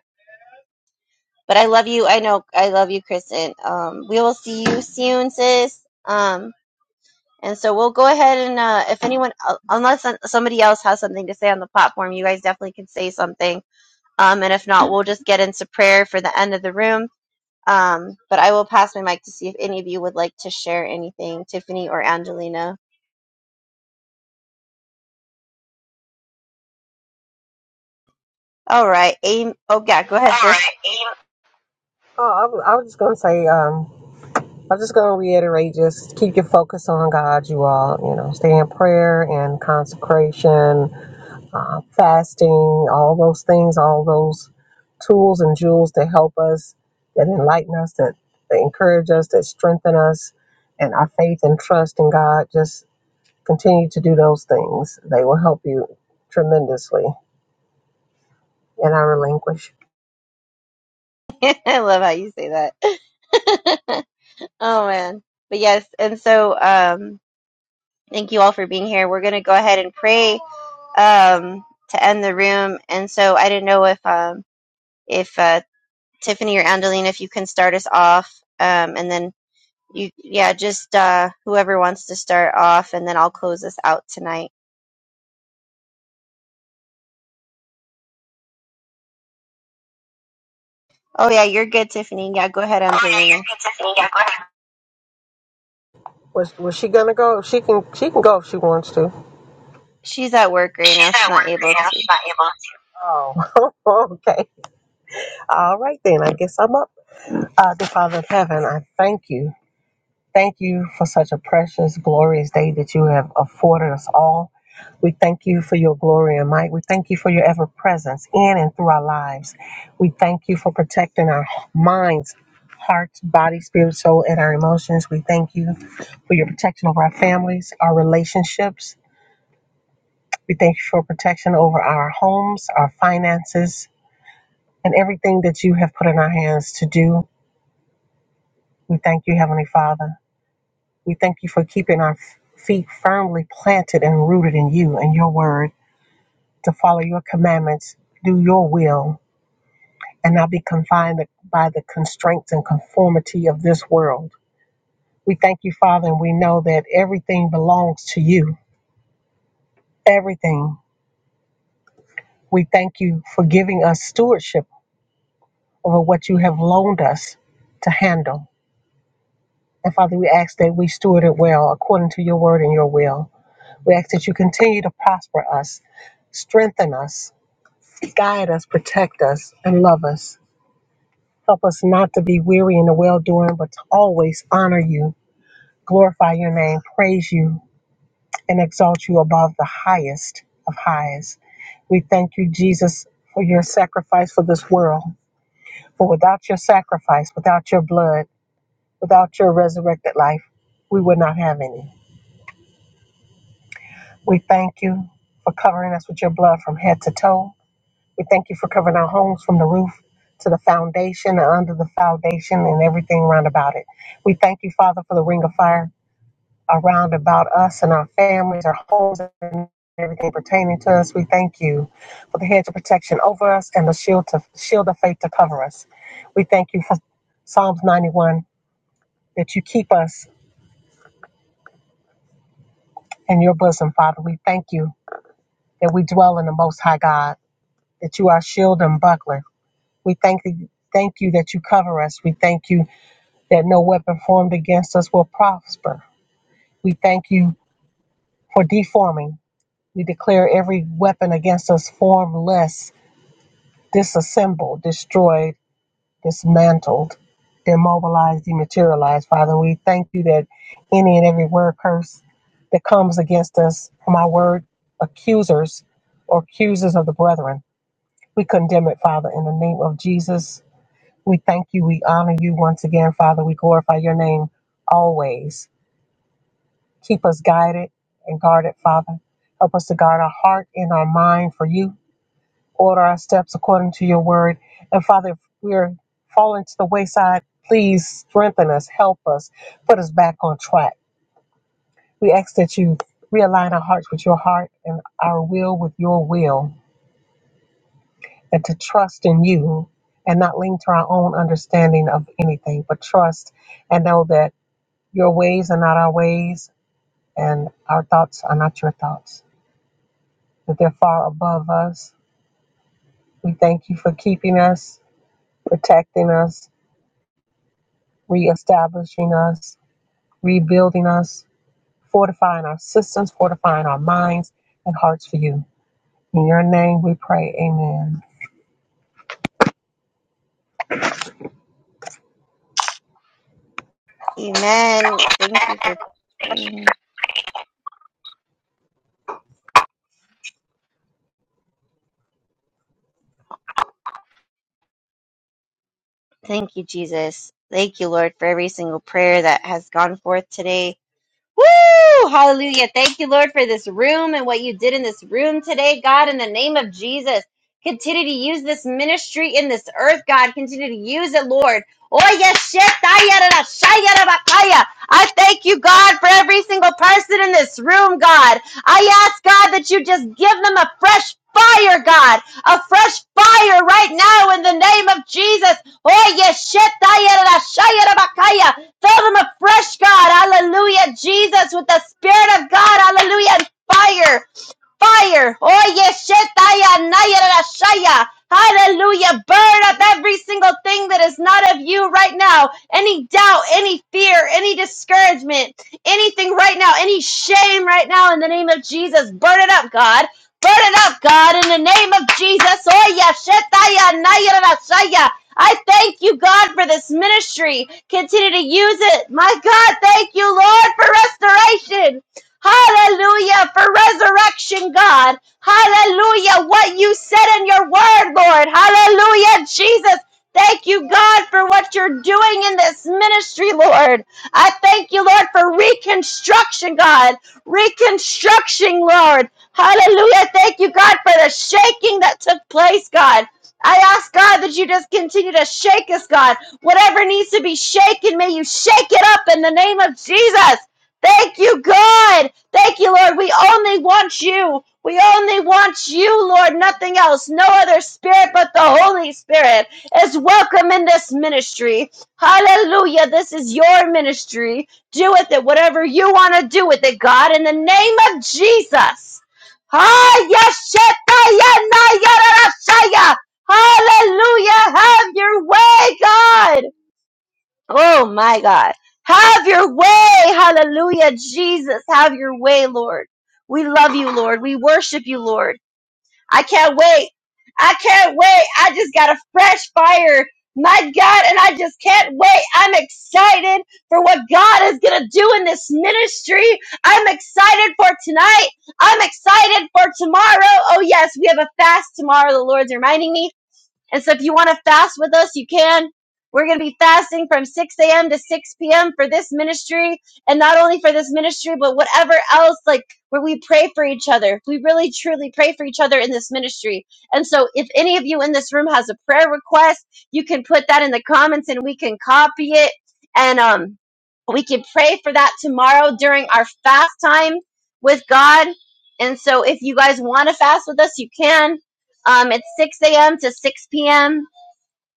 S3: But I love you. I know I love you, Kristen. Um, we will see you soon, sis. Um, and so we'll go ahead and uh, if anyone, uh, unless uh, somebody else has something to say on the platform, you guys definitely can say something. Um, and if not, we'll just get into prayer for the end of the room Um, but I will pass my mic to see if any of you would like to share anything, Tiffany or Angelina. All right. Aim. Oh, yeah. Go
S4: All
S3: ahead, sis.
S4: right. Em- Oh, I was, I was just going to say, um, I'm just going to reiterate just keep your focus on God, you all. You know, stay in prayer and consecration, uh, fasting, all those things, all those tools and jewels that help us, that enlighten us, that, that encourage us, that strengthen us, and our faith and trust in God. Just continue to do those things. They will help you tremendously. And I relinquish.
S3: I love how you say that. oh, man. But yes. And so um, thank you all for being here. We're going to go ahead and pray um, to end the room. And so I didn't know if, um, if uh, Tiffany or Angelina, if you can start us off um, and then you, yeah, just uh, whoever wants to start off and then I'll close us out tonight. Oh, yeah, you're good, Tiffany. Yeah, go ahead,
S4: Oh, yeah,
S3: Angelina.
S4: you're good, Tiffany. Yeah, go ahead. Was was she gonna go? She can she can go if she wants to.
S3: She's at work right
S4: She's
S3: now. She's
S4: at work
S3: not
S4: right
S3: able
S4: now.
S3: to.
S4: She's not able to. Oh, okay. All right, then. I guess I'm up. Uh, dear Father of Heaven, I thank you. Thank you for such a precious, glorious day that you have afforded us all. We thank you for your glory and might. We thank you for your ever presence in and through our lives. We thank you for protecting our minds, hearts, body, spirit, soul, and our emotions. We thank you for your protection over our families, our relationships, We thank you for protection over our homes, our finances, and everything that you have put in our hands to do. We thank you, Heavenly Father. We thank you for keeping our feet firmly planted and rooted in you and your word to follow your commandments, do your will, and not be confined by the constraints and conformity of this world. We thank you, Father, and we know that everything belongs to you. Everything. We thank you for giving us stewardship over what you have loaned us to handle. And Father, we ask that we steward it well according to your word and your will. We ask that you continue to prosper us, strengthen us, guide us, protect us, and love us. Help us not to be weary in the well doing, but to always honor you, glorify your name, praise you, and exalt you above the highest of highs. We thank you, Jesus, for your sacrifice for this world. For without your sacrifice, without your blood, without your resurrected life, we would not have any. We thank you for covering us with your blood from head to toe. We thank you for covering our homes from the roof to the foundation and under the foundation and everything round about it. We thank you, Father, for the ring of fire around about us and our families, our homes, and everything pertaining to us. We thank you for the hedge of protection over us and the shield to shield of faith to cover us. We thank you for Psalms 91 that you keep us in your bosom, Father. We thank you that we dwell in the Most High God. that you are shield and buckler. We thank you, thank you that you cover us. We thank you that no weapon formed against us will prosper. We thank you for deforming. We declare every weapon against us formless, disassembled, destroyed, dismantled, demobilized, dematerialized. Father, we thank you that any and every word curse that comes against us from our word accusers or accusers of the brethren, we condemn it, Father, in the name of Jesus We thank you. We honor you once again, Father. We glorify your name always. Keep us guided and guarded, Father. Help us to guard our heart and our mind for you. Order our steps according to your word. And Father, if we're falling to the wayside, please strengthen us, help us, put us back on track. We ask that you realign our hearts with your heart and our will with your will, and to trust in you and not lean to our own understanding of anything, but trust and know that. Your ways are not our ways, and our thoughts are not your thoughts, that they're far above us. We thank you for keeping us, protecting us, reestablishing us, rebuilding us, fortifying our systems, fortifying our minds and hearts for you. In your name we pray, amen.
S3: Amen. Thank you for praying. Thank you, Jesus. Thank you, Lord, for every single prayer that has gone forth today. Woo! Hallelujah. Thank you, Lord, for this room and what you did in this room today, God, in the name of Jesus. Continue to use this ministry in this earth, God. Continue to use it, Lord. Oh, yes, shit. I thank you, God, for every single person in this room, God. I ask, God, that you just give them a fresh fire, God. A fresh fire right now in the name of Jesus. Oh, yes, shit. Fill them afresh, God. Hallelujah. Jesus, with the Spirit of God. Hallelujah. And fire fire. Oye, shetaya, naya, Hallelujah. Burn up every single thing that is not of you right now. Any doubt, any fear, any discouragement, anything right now, any shame right now in the name of Jesus. Burn it up, God. Burn it up, God, in the name of Jesus. Oye, shetaya, naya, I thank you, God, for this ministry. Continue to use it. My God, thank you, Lord, for restoration. Hallelujah for resurrection, God. Hallelujah. What you said in your word, Lord. Hallelujah, Jesus. Thank you, God, for what you're doing in this ministry, Lord. I thank you, Lord, for reconstruction, God. Reconstruction, Lord. Hallelujah. Thank you, God, for the shaking that took place, God. I ask, God, that you just continue to shake us, God. Whatever needs to be shaken, may you shake it up in the name of Jesus. Thank you, God. Thank you, Lord. We only want you. We only want you, Lord, nothing else. No other spirit but the Holy Spirit is welcome in this ministry. Hallelujah. This is your ministry. Do with it whatever you want to do with it, God, in the name of Jesus. Ah, yes, Hallelujah. Have your way, God. Oh my God. Have your way. Hallelujah. Jesus, have your way, Lord. We love you, Lord. We worship you, Lord. I can't wait. I can't wait. I just got a fresh fire. My God, and I just can't wait. I'm excited for what God is going to do in this ministry. I'm excited for tonight. I'm excited for tomorrow. Oh, yes, we have a fast tomorrow. The Lord's reminding me. And so if you want to fast with us, you can. We're going to be fasting from 6 a.m. to 6 p.m. for this ministry. And not only for this ministry, but whatever else, like where we pray for each other. We really truly pray for each other in this ministry. And so if any of you in this room has a prayer request, you can put that in the comments and we can copy it. And, um, we can pray for that tomorrow during our fast time with God. And so if you guys want to fast with us, you can um, it's 6 a.m. to 6 p.m.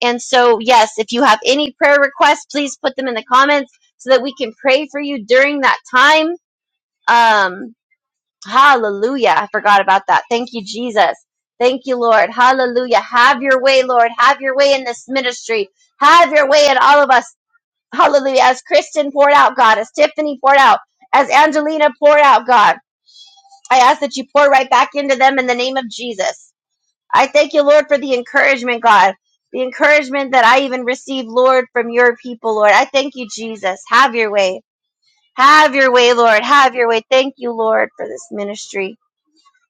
S3: And so, yes, if you have any prayer requests, please put them in the comments so that we can pray for you during that time. Um, hallelujah. I forgot about that. Thank you, Jesus. Thank you, Lord. Hallelujah. Have your way, Lord. Have your way in this ministry. Have your way in all of us. Hallelujah. As Kristen poured out, God, as Tiffany poured out, as Angelina poured out, God, I ask that you pour right back into them in the name of Jesus. I thank you, Lord, for the encouragement, God. The encouragement that I even receive, Lord, from your people, Lord. I thank you, Jesus. Have your way. Have your way, Lord. Have your way. Thank you, Lord, for this ministry.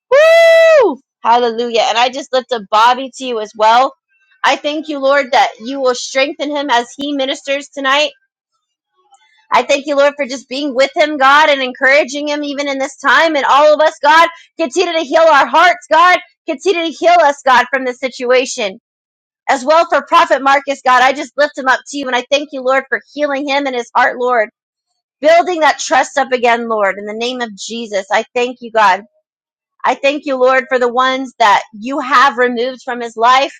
S3: Woo! Hallelujah. And I just lift up Bobby to you as well. I thank you, Lord, that you will strengthen him as he ministers tonight. I thank you, Lord, for just being with him, God, and encouraging him even in this time. And all of us, God, continue to heal our hearts, God. Continue to heal us, God, from this situation as well for Prophet Marcus, God. I just lift him up to you and I thank you, Lord, for healing him and his heart, Lord, building that trust up again, Lord, in the name of Jesus. I thank you, God. I thank you, Lord, for the ones that you have removed from his life.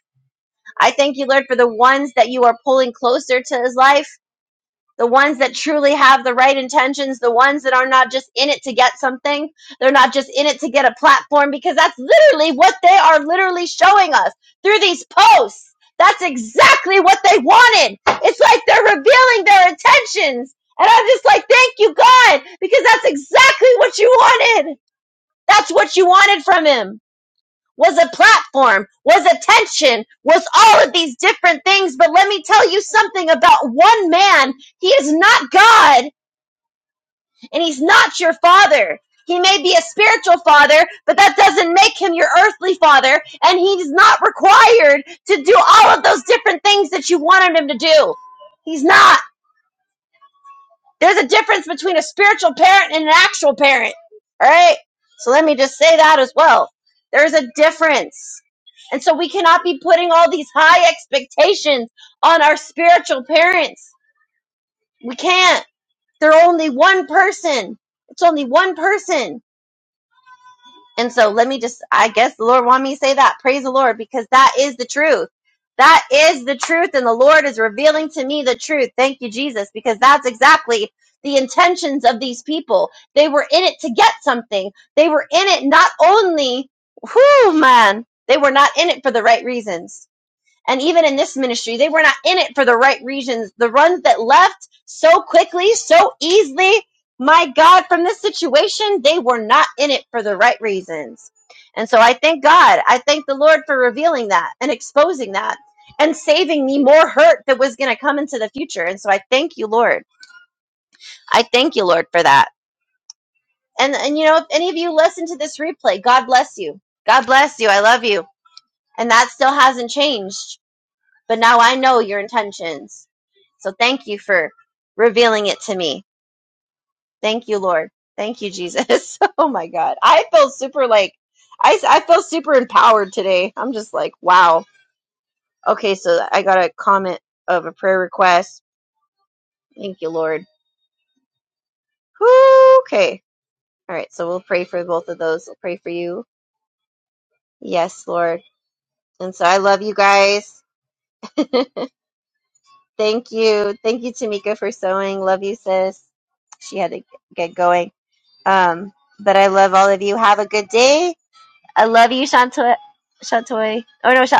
S3: I thank you, Lord, for the ones that you are pulling closer to his life the ones that truly have the right intentions, the ones that are not just in it to get something, they're not just in it to get a platform, because that's literally what they are literally showing us through these posts. That's exactly what they wanted. It's like they're revealing their intentions. And I'm just like, thank you, God, because that's exactly what you wanted. That's what you wanted from him was a platform, was attention, was all of these different things. But let me tell you something about one man. He is not God and he's not your father. He may be a spiritual father, but that doesn't make him your earthly father. And he's not required to do all of those different things that you wanted him to do. He's not. There's a difference between a spiritual parent and an actual parent. All right. So let me just say that as well. There's a difference. And so we cannot be putting all these high expectations on our spiritual parents. We can't. They're only one person. It's only one person. And so let me just, I guess the Lord wanted me to say that. Praise the Lord, because that is the truth. That is the truth. And the Lord is revealing to me the truth. Thank you, Jesus, because that's exactly the intentions of these people. They were in it to get something. They were in it not only, whoo, man, they were not in it for the right reasons and even in this ministry, they were not in it for the right reasons. The ones that left so quickly, so easily, my God, from this situation, they were not in it for the right reasons. And so I thank God. I thank the Lord for revealing that and exposing that and saving me more hurt that was going to come into the future. And so I thank you, Lord. I thank you, Lord, for that. And, and you know, if any of you listen to this replay, God bless you. God bless you. I love you. And that still hasn't changed. But now I know your intentions. So thank you for revealing it to me. Thank you, Lord. Thank you, Jesus. oh my God. I feel super like, I, I feel super empowered today. I'm just like, wow. Okay, so I got a comment of a prayer request. Thank you, Lord. Whew, Okay. All right, so we'll pray for both of those. We'll pray for you. Yes, Lord. And so I love you guys. Thank you. Thank you, Tamika, for sewing. Love you, sis. She had to get going. Um, but I love all of you. Have a good day. I love you, Shantoy. Shantoy. Oh no, Sha-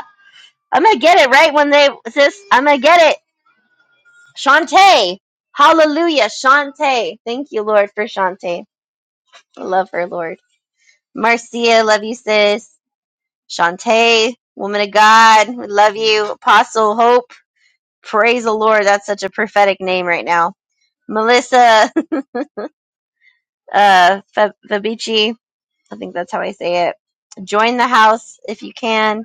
S3: I'm gonna get it right one day, sis. I'm gonna get it. Shantae. Hallelujah, Shantae. Thank you, Lord, for Shantae. I love her, Lord. Marcia, love you, sis. Shantae, woman of God, we love you. Apostle Hope, praise the Lord. That's such a prophetic name right now. Melissa, uh, Fabici, I think that's how I say it. Join the house if you can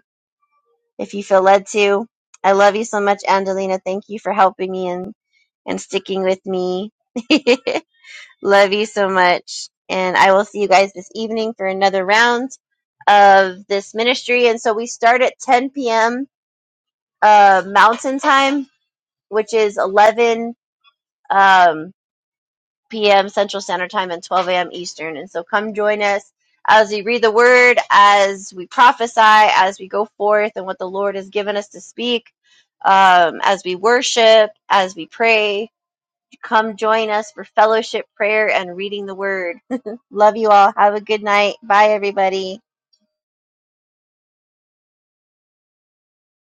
S3: if you feel led to. I love you so much, Angelina. Thank you for helping me and, and sticking with me. love you so much. And I will see you guys this evening for another round of this ministry. And so we start at 10 p.m. Uh, Mountain Time, which is 11. Um, p.m. Central Standard Time and 12 a.m. Eastern. And so come join us as we read the word, as we prophesy, as we go forth and what the Lord has given us to speak, um, as we worship, as we pray. Come join us for fellowship, prayer, and reading the word. Love you all. Have a good night. Bye, everybody.